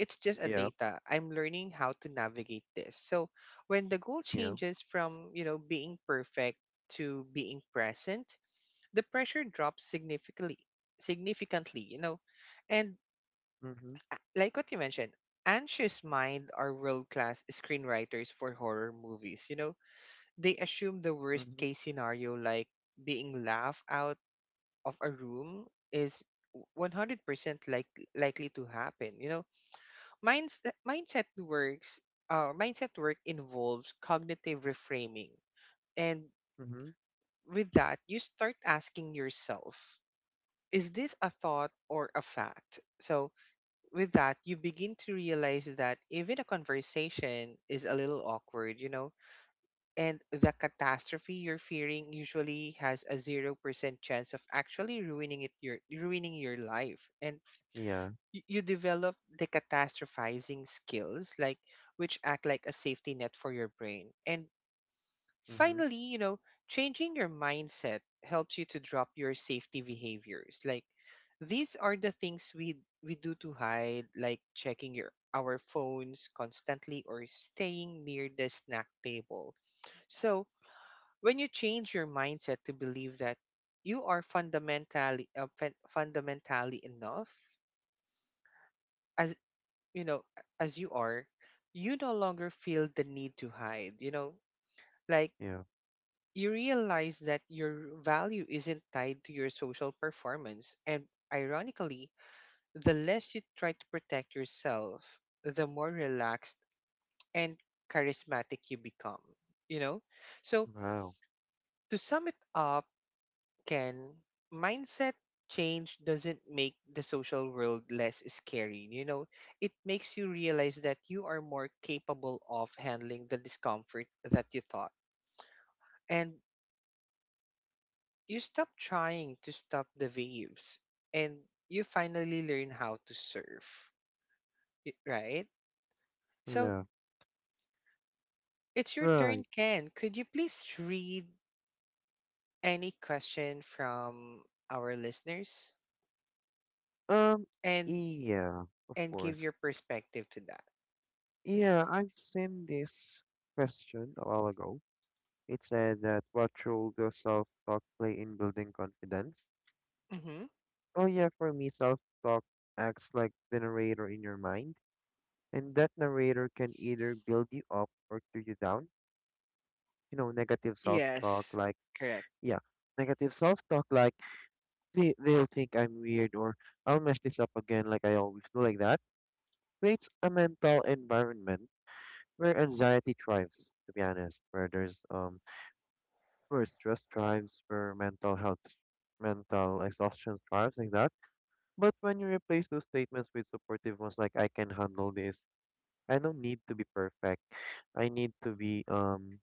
[SPEAKER 1] it's just a
[SPEAKER 2] Yeah,
[SPEAKER 1] data. I'm learning how to navigate this. So when the goal
[SPEAKER 2] yeah.
[SPEAKER 1] changes from, you know, being perfect to being present, the pressure drops significantly, you know. And
[SPEAKER 2] Mm-hmm.
[SPEAKER 1] like what you mentioned, Anxious Mind are world class screenwriters for horror movies, you know. They assume the worst
[SPEAKER 2] Mm-hmm.
[SPEAKER 1] case scenario, like being laughed out of a room is 100% like likely to happen, you know. Minds- Mindset works mindset work involves cognitive reframing, and
[SPEAKER 2] Mm-hmm.
[SPEAKER 1] with that you start asking yourself, is this a thought or a fact? So with that you begin to realize that even a conversation is a little awkward, you know, and the catastrophe you're fearing usually has a 0% chance of actually ruining your life. And
[SPEAKER 2] Yeah.
[SPEAKER 1] you develop the catastrophizing skills, like which act like a safety net for your brain. And
[SPEAKER 2] Mm-hmm.
[SPEAKER 1] finally, you know, changing your mindset helps you to drop your safety behaviors, like these are the things we do to hide, like checking your our phones constantly or staying near the snack table. So when you change your mindset to believe that you are fundamentally fundamentally enough as, you know, as you are, you no longer feel the need to hide, you know, like
[SPEAKER 2] Yeah.
[SPEAKER 1] you realize that your value isn't tied to your social performance. And ironically, the less you try to protect yourself, the more relaxed and charismatic you become, you know? So,
[SPEAKER 2] Wow.
[SPEAKER 1] to sum it up, Can mindset change doesn't make the social world less scary. You know, it makes you realize that you are more capable of handling the discomfort that you thought. And you stop trying to stop the waves and you finally learn how to surf, right? So
[SPEAKER 2] Yeah.
[SPEAKER 1] it's your turn,
[SPEAKER 2] Right.
[SPEAKER 1] Ken. Could you please read any question from our listeners
[SPEAKER 2] Um.
[SPEAKER 1] and
[SPEAKER 2] Yeah. Of
[SPEAKER 1] give
[SPEAKER 2] course.
[SPEAKER 1] your perspective to that?
[SPEAKER 2] Yeah, I've seen this question a while ago. It said that, what role does self-talk play in building confidence? Oh yeah. For me, self-talk acts like the narrator in your mind, and that narrator can either build you up or tear you down. You know,
[SPEAKER 1] Yes. Correct.
[SPEAKER 2] yeah, negative self-talk like, they'll think I'm weird, or I'll mess this up again like I always do, like that, creates a mental environment where anxiety thrives, to be honest. Where there's where stress thrives, where mental exhaustion thrives, like that. But when you replace those statements with supportive ones like, I can handle this, I don't need to be perfect. I need to be um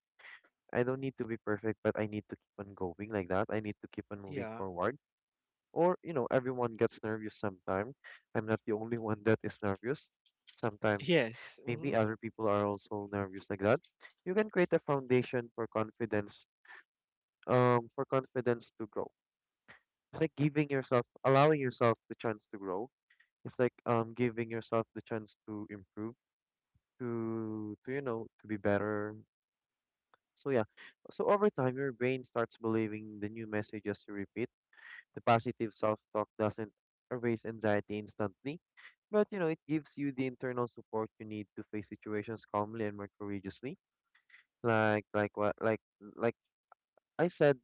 [SPEAKER 2] I don't need to be perfect, but I need to keep on going, like that. I need to keep on moving
[SPEAKER 1] Yeah.
[SPEAKER 2] forward, or everyone gets nervous sometime. I'm not the only one that is nervous sometimes.
[SPEAKER 1] Yes. Mm-hmm.
[SPEAKER 2] Maybe other people are also nervous, like that. You can create a foundation for confidence, for confidence to grow. It's like giving yourself allowing yourself the chance to grow. It's like, giving yourself the chance to improve, to you know to be better. So yeah, so over time your brain starts believing the new messages you repeat. The positive self-talk doesn't erase anxiety instantly, but it gives you the internal support you need to face situations calmly and more courageously. Like what like I said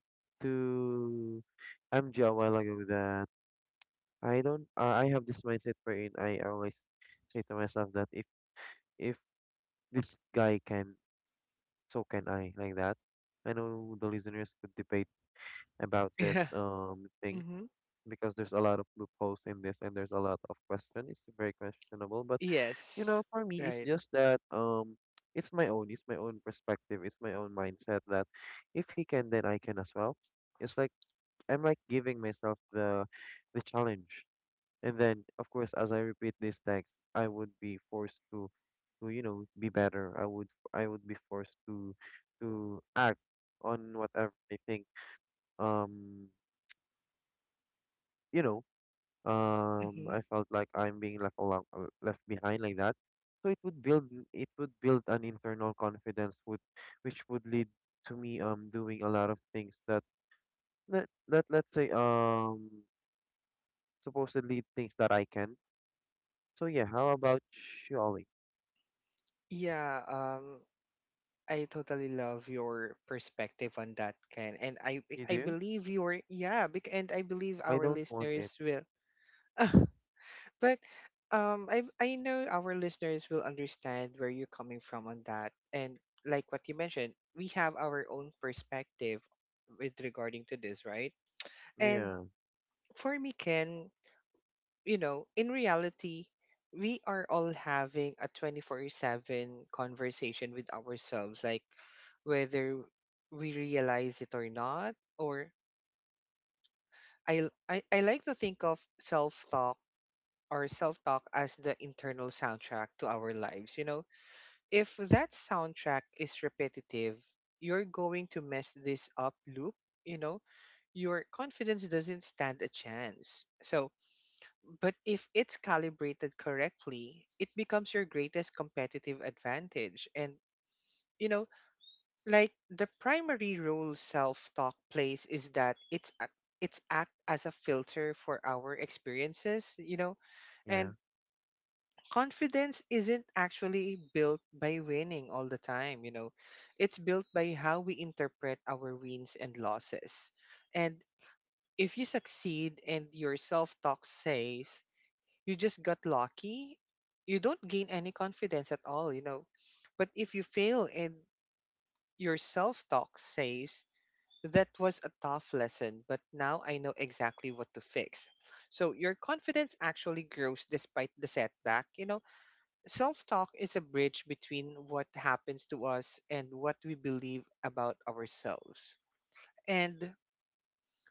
[SPEAKER 2] to MJ a while ago, that I don't I have this mindset wherein I always say to myself that, if this guy can, so can I, like that. I know the listeners could debate about this,
[SPEAKER 1] Yeah.
[SPEAKER 2] thing,
[SPEAKER 1] Mm-hmm.
[SPEAKER 2] because there's a lot of loopholes in this, and there's a lot of question. It's very questionable, but
[SPEAKER 1] Yes.
[SPEAKER 2] for me, it's
[SPEAKER 1] Right.
[SPEAKER 2] just that, it's my own perspective, it's my own mindset, that if he can, then I can as well. It's like I'm like giving myself the challenge, and then of course, as I repeat this text, I would be forced to you know be better. I would be forced to act on whatever I think, um you know
[SPEAKER 1] Mm-hmm.
[SPEAKER 2] I felt like I'm being left behind, like that. So it would build an internal confidence would which would lead to me doing a lot of things that let's say supposedly things that I can. So yeah, how about you, Ollie?
[SPEAKER 1] Yeah. I totally love your perspective on that, Ken, and I
[SPEAKER 2] You
[SPEAKER 1] I
[SPEAKER 2] do?
[SPEAKER 1] believe your, yeah, and I believe
[SPEAKER 2] I
[SPEAKER 1] our
[SPEAKER 2] don't want
[SPEAKER 1] listeners
[SPEAKER 2] it.
[SPEAKER 1] will. But I know our listeners will understand where you're coming from on that, and like what you mentioned, we have our own perspective with regarding to this, right? And
[SPEAKER 2] Yeah,
[SPEAKER 1] for me, Ken, you know, in reality, we are all having a 24/7 conversation with ourselves, like whether we realize it or not. Or I like to think of self talk or self talk as the internal soundtrack to our lives. You know, if that soundtrack is repetitive, you're going to mess this up loop. You know, your confidence doesn't stand a chance. So, but if it's calibrated correctly, it becomes your greatest competitive advantage. And, you know, like the primary role self talk plays is that it's act as a filter for our experiences, you know,
[SPEAKER 2] yeah,
[SPEAKER 1] and confidence isn't actually built by winning all the time, you know, it's built by how we interpret our wins and losses. And if you succeed and your self talk says, "You just got lucky," you don't gain any confidence at all, you know. But if you fail and your self-talk says, "That was a tough lesson, but now I know exactly what to fix," so your confidence actually grows despite the setback, you know. Self-talk is a bridge between what happens to us and what we believe about ourselves. And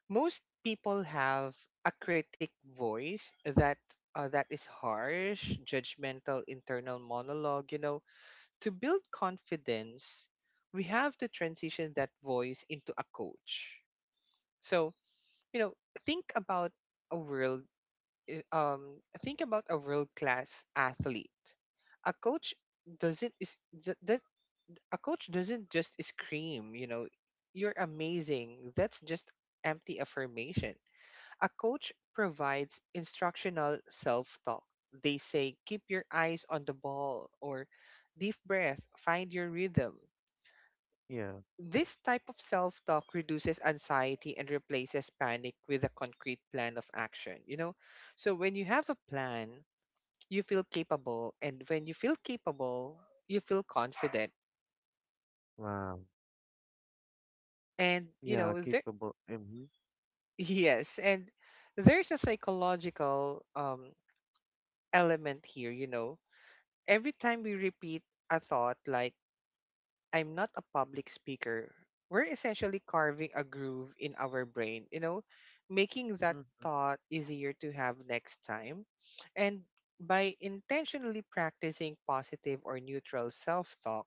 [SPEAKER 1] most people have a critic voice that is harsh, judgmental, internal monologue. You know, to build confidence, we have to transition that voice into a coach. So, you know, think about a world. Think about a world class athlete. A coach doesn't is th- that a coach doesn't just scream. You know, "You're amazing." That's just empty affirmation. A coach provides instructional self talk. They say, "Keep your eyes on the ball," or "Deep breath, find your rhythm."
[SPEAKER 2] yeah.
[SPEAKER 1] This type of self talk reduces anxiety and replaces panic with a concrete plan of action. You know, so when you have a plan, you feel capable, and when you feel capable, you feel confident.
[SPEAKER 2] Wow.
[SPEAKER 1] And, you
[SPEAKER 2] Yeah,
[SPEAKER 1] know, there,
[SPEAKER 2] capable. Mm-hmm.
[SPEAKER 1] yes, and there's a psychological element here, you know. Every time we repeat a thought like, "I'm not a public speaker," we're essentially carving a groove in our brain, you know, making that
[SPEAKER 2] Mm-hmm.
[SPEAKER 1] thought easier to have next time. And by intentionally practicing positive or neutral self talk,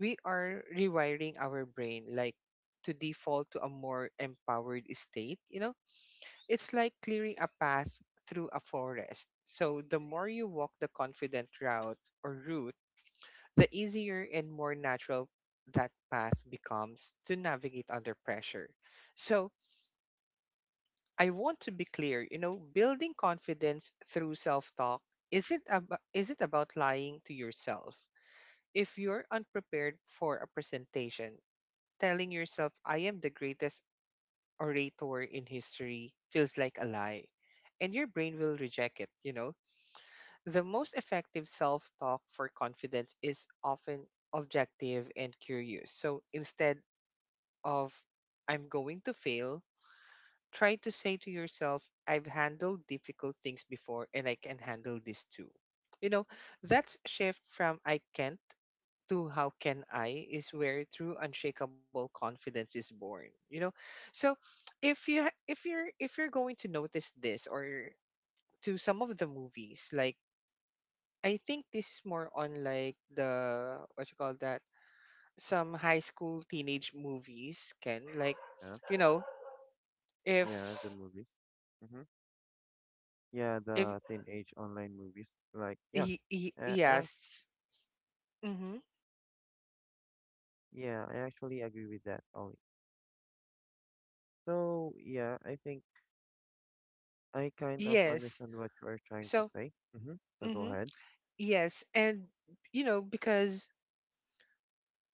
[SPEAKER 1] we are rewiring our brain like to default to a more empowered state, you know? It's like clearing a path through a forest. So the more you walk the confident route or route, the easier and more natural that path becomes to navigate under pressure. So, I want to be clear, you know, building confidence through self-talk isn't about lying to yourself. If you're unprepared for a presentation, telling yourself, "I am the greatest orator in history," feels like a lie, and your brain will reject it, you know. The most effective self talk for confidence is often objective and curious. So instead of, "I'm going to fail," try to say to yourself, "I've handled difficult things before, and I can handle this too." You know, that's shift from "I can't" to "How can I" is where true unshakable confidence is born. You know, so if you ha- if you're going to notice this or to some of the movies, like, I think this is more on like the what you call that, some high school teenage movies can, like,
[SPEAKER 2] Yeah,
[SPEAKER 1] you know,
[SPEAKER 2] yeah, the
[SPEAKER 1] if
[SPEAKER 2] movies. Mm-hmm. Yeah,
[SPEAKER 1] if
[SPEAKER 2] the teenage online movies. Like, yeah, uh, I,
[SPEAKER 1] yes. Mm-hmm.
[SPEAKER 2] yeah, I actually agree with that, Ollie. So, yeah, I think I kind of
[SPEAKER 1] Yes.
[SPEAKER 2] understand what you are trying to
[SPEAKER 1] So
[SPEAKER 2] say. Mm-hmm. So go
[SPEAKER 1] mm-hmm.
[SPEAKER 2] ahead.
[SPEAKER 1] Yes. And you know, because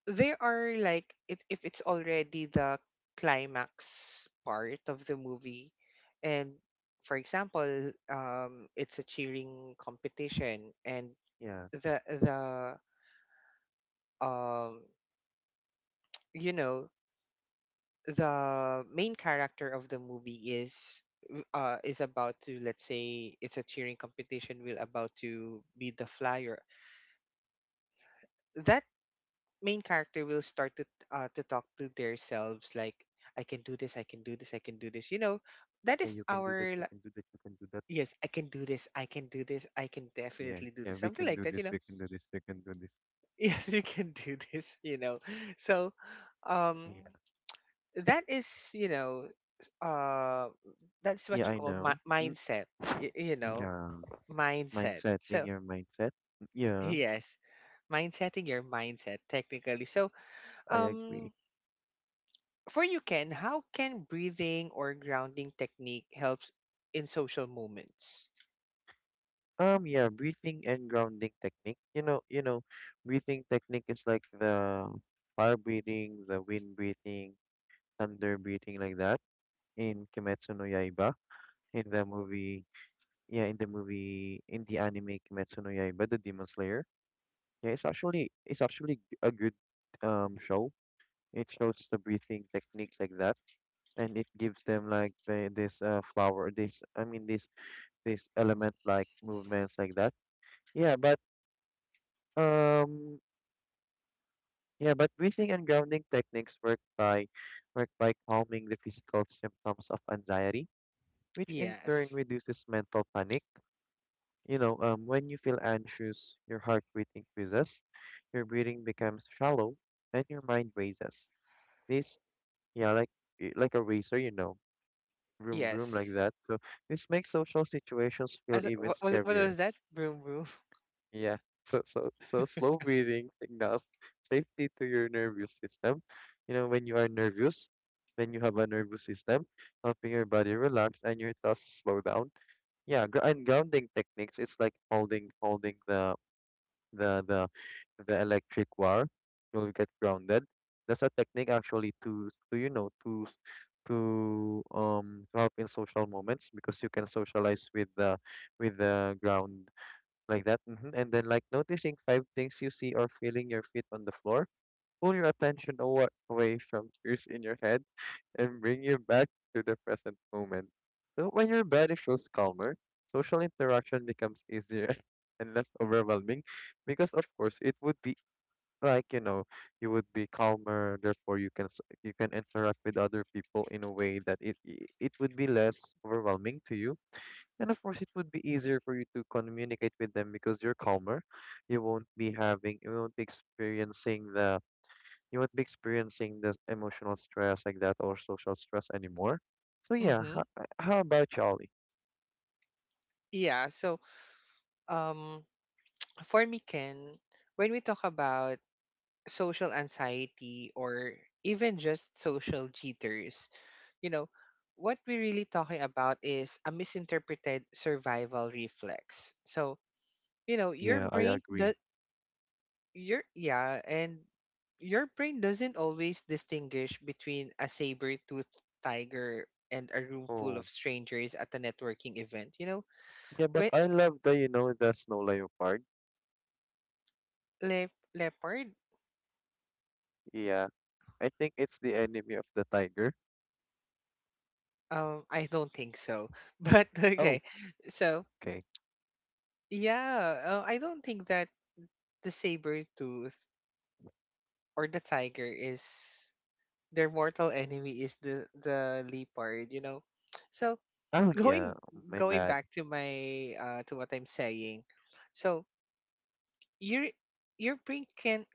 [SPEAKER 1] they are like it, if it's already the climax part of the movie. And for example, it's a cheering competition, and
[SPEAKER 2] Yeah,
[SPEAKER 1] the um you know, the main character of the movie is about to, let's say, it's a cheering competition, will about to be the flyer, that main character will start to talk to themselves, like, "I can do this, I can do this, I can do this," you know, that
[SPEAKER 2] yeah,
[SPEAKER 1] is
[SPEAKER 2] you can do that.
[SPEAKER 1] our
[SPEAKER 2] You
[SPEAKER 1] li-
[SPEAKER 2] can do that. You can do that.
[SPEAKER 1] yes, "I can do this, I can do this, I can
[SPEAKER 2] Yeah,
[SPEAKER 1] definitely do
[SPEAKER 2] yeah,
[SPEAKER 1] this,"
[SPEAKER 2] we
[SPEAKER 1] something
[SPEAKER 2] can
[SPEAKER 1] like
[SPEAKER 2] do
[SPEAKER 1] that, you
[SPEAKER 2] this.
[SPEAKER 1] know.
[SPEAKER 2] We can do this. We can do this.
[SPEAKER 1] Yes, you can do this, you know. So um
[SPEAKER 2] Yeah,
[SPEAKER 1] that is, you know, uh that's
[SPEAKER 2] yeah,
[SPEAKER 1] what you
[SPEAKER 2] I
[SPEAKER 1] call
[SPEAKER 2] know. Mm,
[SPEAKER 1] mindset, you know,
[SPEAKER 2] yeah,
[SPEAKER 1] mindset.
[SPEAKER 2] mindset, being
[SPEAKER 1] So
[SPEAKER 2] your mindset. Mm, yeah,
[SPEAKER 1] yes, mindsetting your mindset, technically, so
[SPEAKER 2] I
[SPEAKER 1] um
[SPEAKER 2] agree.
[SPEAKER 1] for you, Ken, how can breathing or grounding technique helps in social moments?
[SPEAKER 2] Yeah, breathing and grounding technique. You know, breathing technique is like the fire breathing, the wind breathing, thunder breathing, like that in Kimetsu no Yaiba, in the movie, yeah, in the movie, in the anime Kimetsu no Yaiba, the Demon Slayer. Yeah, it's actually a good show. It shows the breathing techniques like that, and it gives them like this flower, this I mean this element like movements like that. Yeah, but. Um, Yeah, but breathing and grounding techniques work by work by calming the physical symptoms of anxiety, which in turn
[SPEAKER 1] Yes.
[SPEAKER 2] reduces mental panic. You know, when you feel anxious, your heart rate increases, your breathing becomes shallow, and your mind races. This, yeah, like a racer, you know, room room
[SPEAKER 1] Yes.
[SPEAKER 2] like that. So this makes social situations feel
[SPEAKER 1] As,
[SPEAKER 2] even
[SPEAKER 1] what
[SPEAKER 2] scarier.
[SPEAKER 1] was that, broom broom?
[SPEAKER 2] Yeah. So slow breathing signals safety to your nervous system. You know, when you are nervous, when you have a nervous system, helping your body relax and your thoughts slow down. Yeah, and grounding techniques, it's like holding the the the electric wire. You'll get grounded. That's a technique actually to you know to help in social moments because you can socialize with the ground like that. And then like noticing five things you see or feeling your feet on the floor, pull your attention away from fears in your head and bring you back to the present moment. So when your body feels calmer, social interaction becomes easier and less overwhelming because of course it would be like you know you would be calmer therefore you can interact with other people in a way that it would be less overwhelming to you, and of course, it would be easier for you to communicate with them because you're calmer. You won't be experiencing you won't be experiencing the emotional stress like that or social stress anymore. So yeah,
[SPEAKER 1] Mm-hmm.
[SPEAKER 2] how about Charlie?
[SPEAKER 1] Yeah, so, um for me, Ken, when we talk about social anxiety or even just social jitters. You know, what we're really talking about is a misinterpreted survival reflex. So, you know, your
[SPEAKER 2] Yeah, I
[SPEAKER 1] brain
[SPEAKER 2] agree.
[SPEAKER 1] does your yeah, and your brain doesn't always distinguish between a saber-toothed tiger and a room full
[SPEAKER 2] Oh,
[SPEAKER 1] of strangers at a networking event. You know,
[SPEAKER 2] yeah, but
[SPEAKER 1] wait,
[SPEAKER 2] I love the, you know, the snow leopard.
[SPEAKER 1] le- leopard?
[SPEAKER 2] Yeah, I think it's the enemy of the tiger.
[SPEAKER 1] I don't think so. But
[SPEAKER 2] Oh,
[SPEAKER 1] okay, so
[SPEAKER 2] okay.
[SPEAKER 1] yeah, I don't think that the saber tooth or the tiger is, their mortal enemy is the leopard, you know. So
[SPEAKER 2] Oh yeah,
[SPEAKER 1] going
[SPEAKER 2] my
[SPEAKER 1] going
[SPEAKER 2] bad.
[SPEAKER 1] back to my to what I'm saying, so your brain can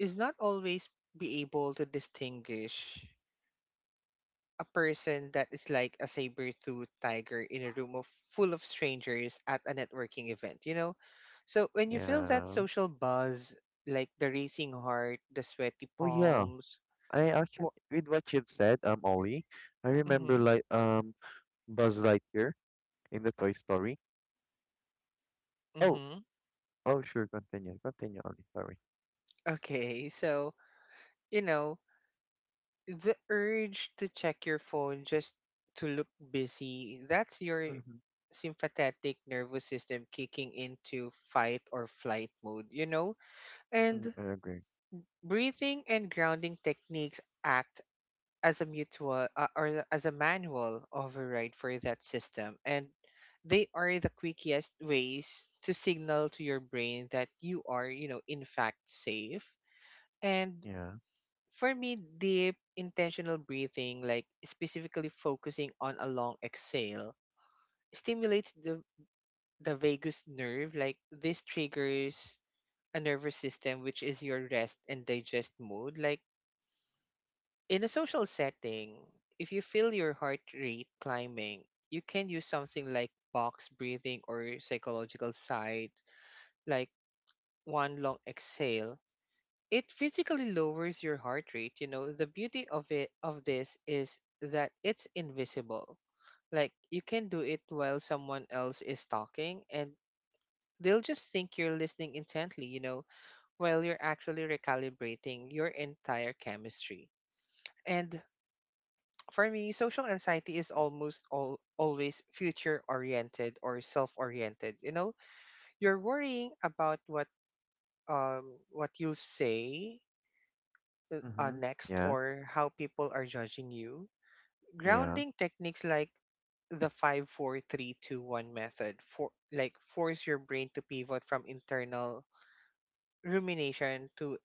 [SPEAKER 1] is not always be able to distinguish a person that is like a saber-tooth tiger in a room of full of strangers at a networking event, you know. So when you feel that
[SPEAKER 2] Yeah.
[SPEAKER 1] social buzz, like the racing heart, the sweaty
[SPEAKER 2] Oh yeah,
[SPEAKER 1] palms,
[SPEAKER 2] I actually
[SPEAKER 1] or,
[SPEAKER 2] with what you've said, Ollie. I remember
[SPEAKER 1] mm-hmm,
[SPEAKER 2] like Buzz Lightyear in the Toy Story. Oh,
[SPEAKER 1] mm-hmm.
[SPEAKER 2] oh, sure. Continue, continue, Ollie. Sorry.
[SPEAKER 1] Okay, so, you know, the urge to check your phone just to look busy—that's your
[SPEAKER 2] Mm-hmm.
[SPEAKER 1] sympathetic nervous system kicking into fight or flight mode. You know,
[SPEAKER 2] Mm,
[SPEAKER 1] and
[SPEAKER 2] I agree.
[SPEAKER 1] breathing and grounding techniques act as a mutual, or as a manual override for that system, and they are the quickest ways to signal to your brain that you are, you know, in fact, safe. And
[SPEAKER 2] Yeah,
[SPEAKER 1] for me, deep intentional breathing, like specifically focusing on a long exhale, stimulates the vagus nerve. Like, this triggers a nervous system, which is your rest and digest mode. Like in a social setting, if you feel your heart rate climbing, you can use something like box breathing or psychological sight, like one long exhale, it physically lowers your heart rate, you know. The beauty of it, of this, is that it's invisible. Like, you can do it while someone else is talking, and they'll just think you're listening intently, you know, while you're actually recalibrating your entire chemistry. And for me, social anxiety is almost always future oriented or self oriented, you know. You're worrying about what you'll say
[SPEAKER 2] mm-hmm,
[SPEAKER 1] next,
[SPEAKER 2] yeah,
[SPEAKER 1] or how people are judging you.
[SPEAKER 2] yeah,
[SPEAKER 1] Grounding techniques, like the five, four, three, two, one method, for like force your brain to pivot from internal rumination to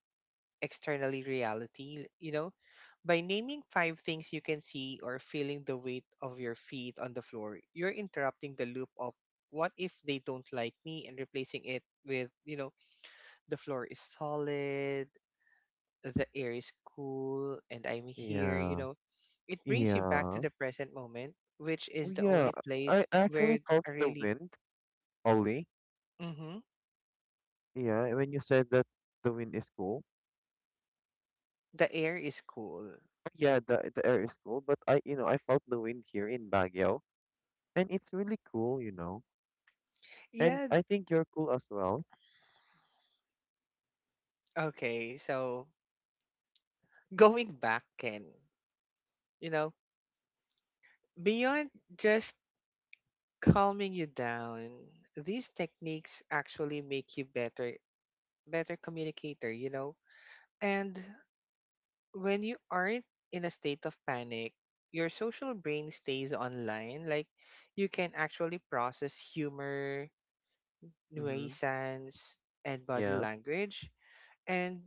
[SPEAKER 1] externally reality, you know. By naming five things you can see or feeling the weight of your feet on the floor, you're interrupting the loop of "What if they don't like me," and replacing it with, you know, "The floor is solid, the air is cool, and I'm here," you
[SPEAKER 2] yeah,
[SPEAKER 1] know, it
[SPEAKER 2] yeah,
[SPEAKER 1] brings you back to
[SPEAKER 2] yeah.
[SPEAKER 1] the present moment, which
[SPEAKER 2] Oh,
[SPEAKER 1] is the
[SPEAKER 2] yeah.
[SPEAKER 1] only
[SPEAKER 2] I
[SPEAKER 1] place
[SPEAKER 2] I
[SPEAKER 1] where
[SPEAKER 2] actually felt
[SPEAKER 1] I
[SPEAKER 2] the
[SPEAKER 1] really...
[SPEAKER 2] wind, Ollie.
[SPEAKER 1] hmm.
[SPEAKER 2] Yeah, when you said that the wind is cool.
[SPEAKER 1] The air is cool.
[SPEAKER 2] Oh, yeah, the air is cool. But I, you know, I felt the wind here in Baguio, and it's really cool, you know. And
[SPEAKER 1] Yeah,
[SPEAKER 2] I think you're cool as well.
[SPEAKER 1] okay. So going back, Ken, you know, beyond just calming you down, these techniques actually make you better communicator, you know. And when you aren't in a state of panic, your social brain stays online. Like, you can actually process humor,
[SPEAKER 2] Mm-hmm.
[SPEAKER 1] nuisance, and body
[SPEAKER 2] Yeah.
[SPEAKER 1] language, and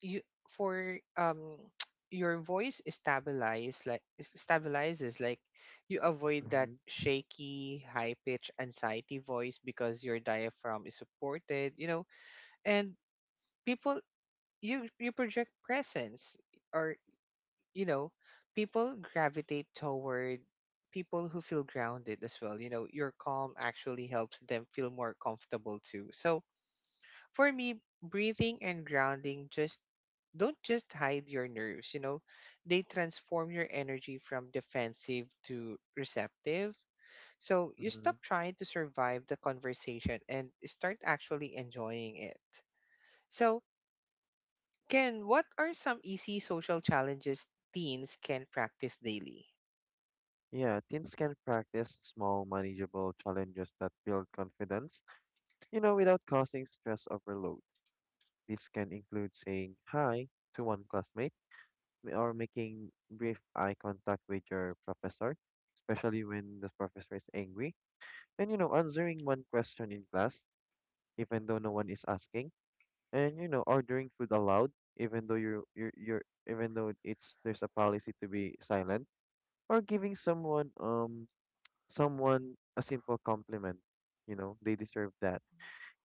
[SPEAKER 1] you for your voice is stabilized, like stabilizes, like you avoid that shaky high pitched anxiety voice because your diaphragm is supported, you know. And people, you project presence, or, you know, people gravitate toward people who feel grounded as well. You know, your calm actually helps them feel more comfortable too. So for me, breathing and grounding just don't just hide your nerves, you know, they transform your energy from defensive to receptive. So you
[SPEAKER 2] Mm-hmm.
[SPEAKER 1] stop trying to survive the conversation and start actually enjoying it. So, Ken, what are some easy social challenges teens can practice daily?
[SPEAKER 2] Yeah, teens can practice small, manageable challenges that build confidence, you know, without causing stress overload. This can include saying hi to one classmate or making brief eye contact with your professor, especially when the professor is angry. And, you know, answering one question in class, even though no one is asking. And, you know, ordering food aloud, even though you're even though it's there's a policy to be silent, or giving someone someone a simple compliment. You know, they deserve that.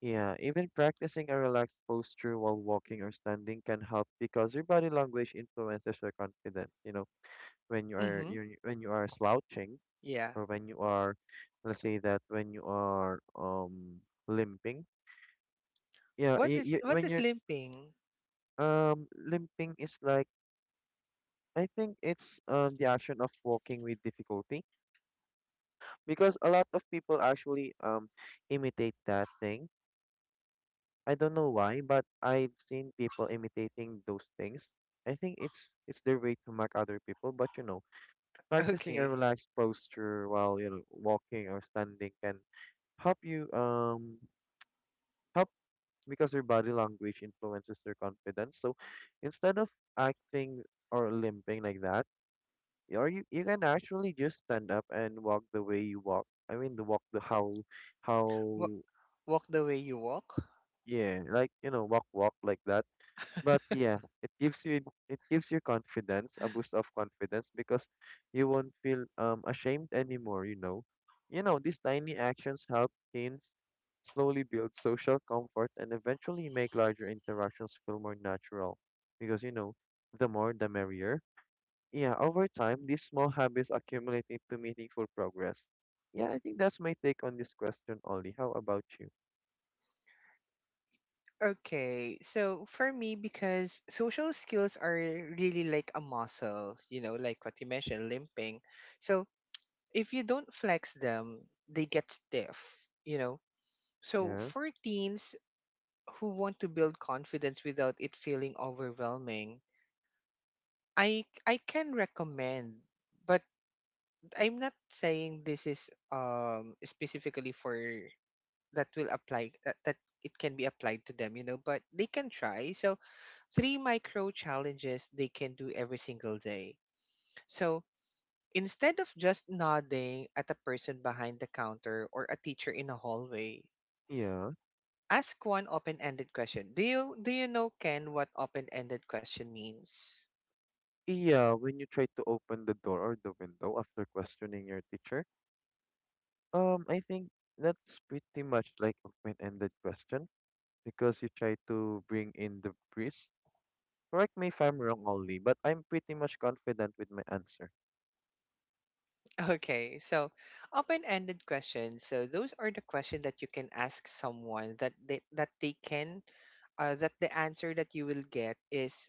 [SPEAKER 2] Yeah, even practicing a relaxed posture while walking or standing can help because your body language influences your confidence. You know, when you are
[SPEAKER 1] Mm-hmm.
[SPEAKER 2] you when you are slouching
[SPEAKER 1] Yeah.
[SPEAKER 2] or when you are, let's say that when you are limping. Yeah,
[SPEAKER 1] What
[SPEAKER 2] y
[SPEAKER 1] is
[SPEAKER 2] y
[SPEAKER 1] what
[SPEAKER 2] when
[SPEAKER 1] is
[SPEAKER 2] you're
[SPEAKER 1] limping?
[SPEAKER 2] limping is like I think it's the action of walking with difficulty because a lot of people actually imitate that thing. I don't know why, but I've seen people imitating those things. I think it's their way to mock other people, but you know, practicing a
[SPEAKER 1] Okay.
[SPEAKER 2] relaxed posture while you know walking or standing can help you help because your body language influences your confidence. So instead of acting or limping like that, you can actually just stand up and walk the way you walk. I mean the how
[SPEAKER 1] Wa- Walk the way you walk.
[SPEAKER 2] yeah, like you know, walk walk like that. But yeah, it gives you confidence, a boost of confidence because you won't feel ashamed anymore, you know. You know, these tiny actions help teens slowly build social comfort and eventually make larger interactions feel more natural because you know, the more the merrier. Yeah, over time, these small habits accumulate into meaningful progress. Yeah, I think that's my take on this question, Ollie. How about you?
[SPEAKER 1] Okay. So for me, because social skills are really like a muscle, you know, like what you mentioned, limping. So if you don't flex them, they get stiff, you know. So
[SPEAKER 2] Yeah.
[SPEAKER 1] for teens who want to build confidence without it feeling overwhelming, I can recommend, but I'm not saying this is specifically for that will apply that, it can be applied to them, you know, but they can try. So three micro challenges they can do every single day, so instead of just nodding at a person behind the counter or a teacher in a hallway,
[SPEAKER 2] Yeah.
[SPEAKER 1] ask one open-ended question. Do you know, Ken, what open-ended question means?
[SPEAKER 2] Yeah, when you try to open the door or the window after questioning your teacher, I think that's pretty much like open-ended question because you try to bring in the breeze. Correct me if I'm wrong, Ollie, but I'm pretty much confident with my answer.
[SPEAKER 1] Okay, so, open-ended questions. So those are the questions that you can ask someone that they can, that the answer that you will get is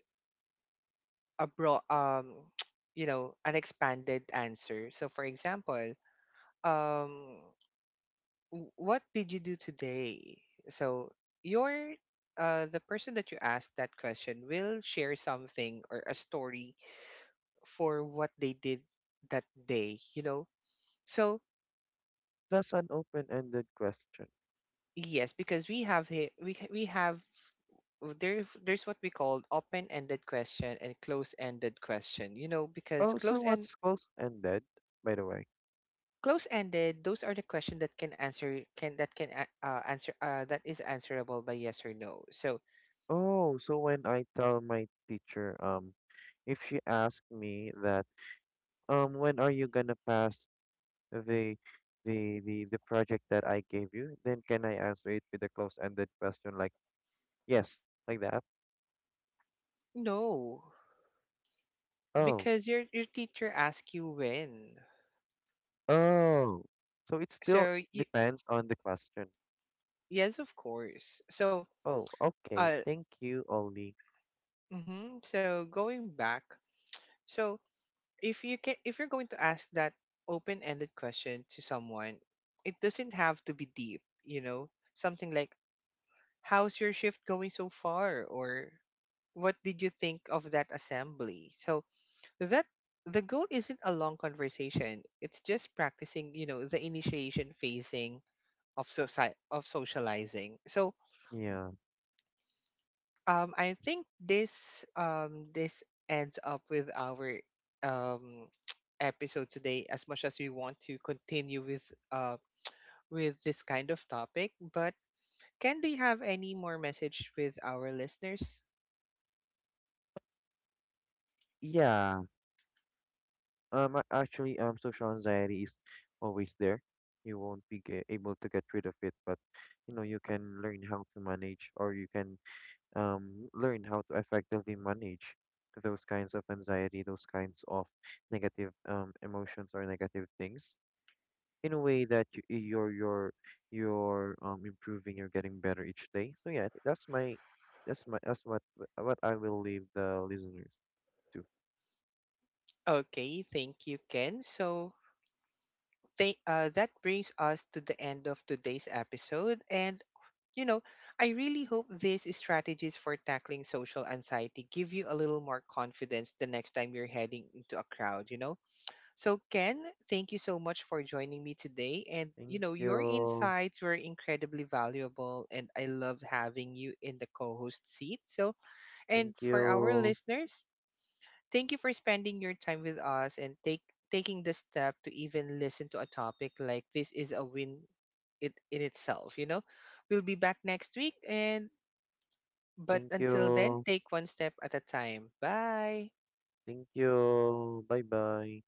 [SPEAKER 1] a broad, you know, an expanded answer. So for example, um what did you do today? So your, the person that you asked that question will share something, or a story for what they did that day, you know. So
[SPEAKER 2] That's an open-ended question.
[SPEAKER 1] yes, because we have, there's what we call open ended question and close ended question, you know, because
[SPEAKER 2] Oh, so
[SPEAKER 1] close end.
[SPEAKER 2] what's closed-ended, by the way?
[SPEAKER 1] Close-ended, those are the questions that can answer can that can a- answer that is answerable by yes or no. So
[SPEAKER 2] Oh, so when I tell my teacher, if she asks me that, when are you gonna pass the the project that I gave you, then can I answer it with a close-ended question like yes, like that?
[SPEAKER 1] no,
[SPEAKER 2] Oh,
[SPEAKER 1] because your teacher asked you when.
[SPEAKER 2] oh. So it still
[SPEAKER 1] So y
[SPEAKER 2] depends on the question.
[SPEAKER 1] yes, of course. So,
[SPEAKER 2] Oh, okay.
[SPEAKER 1] uh,
[SPEAKER 2] Thank you, Ollie.
[SPEAKER 1] mm-hmm. So going back, so, if you can, if you're going to ask that open-ended question to someone, it doesn't have to be deep. You know, something like, "How's your shift going so far?" or "What did you think of that assembly?" So that the goal isn't a long conversation, it's just practicing, you know, the initiation phasing of society of socializing. So
[SPEAKER 2] Yeah.
[SPEAKER 1] I think this ends up with our um episode today, as much as we want to continue with, uh with this kind of topic, but Ken, do you have any more message with our listeners?
[SPEAKER 2] Yeah. Actually, social anxiety is always there. You won't able to get rid of it, but you know, you can learn how to manage, or you can learn how to effectively manage those kinds of anxiety, those kinds of negative emotions or negative things in a way that you're improving, you're getting better each day. So yeah, I think that's my that's my that's what I will leave the listeners to.
[SPEAKER 1] Okay, thank you, Ken. So that brings us to the end of today's episode. And, you know, I really hope these strategies for tackling social anxiety give you a little more confidence the next time you're heading into a crowd, you know? So, Ken, thank you so much for joining me today. And, you
[SPEAKER 2] Thank
[SPEAKER 1] know, your
[SPEAKER 2] you,
[SPEAKER 1] insights were incredibly valuable, and I love having you in the co host seat. So,
[SPEAKER 2] thank
[SPEAKER 1] and for our
[SPEAKER 2] you,
[SPEAKER 1] listeners, thank you for spending your time with us, and take taking the step to even listen to a topic like this is a win it in itself, you know. We'll be back next week, and but
[SPEAKER 2] thank
[SPEAKER 1] until then,
[SPEAKER 2] you,
[SPEAKER 1] take one step at a time. Bye.
[SPEAKER 2] thank you. Bye bye.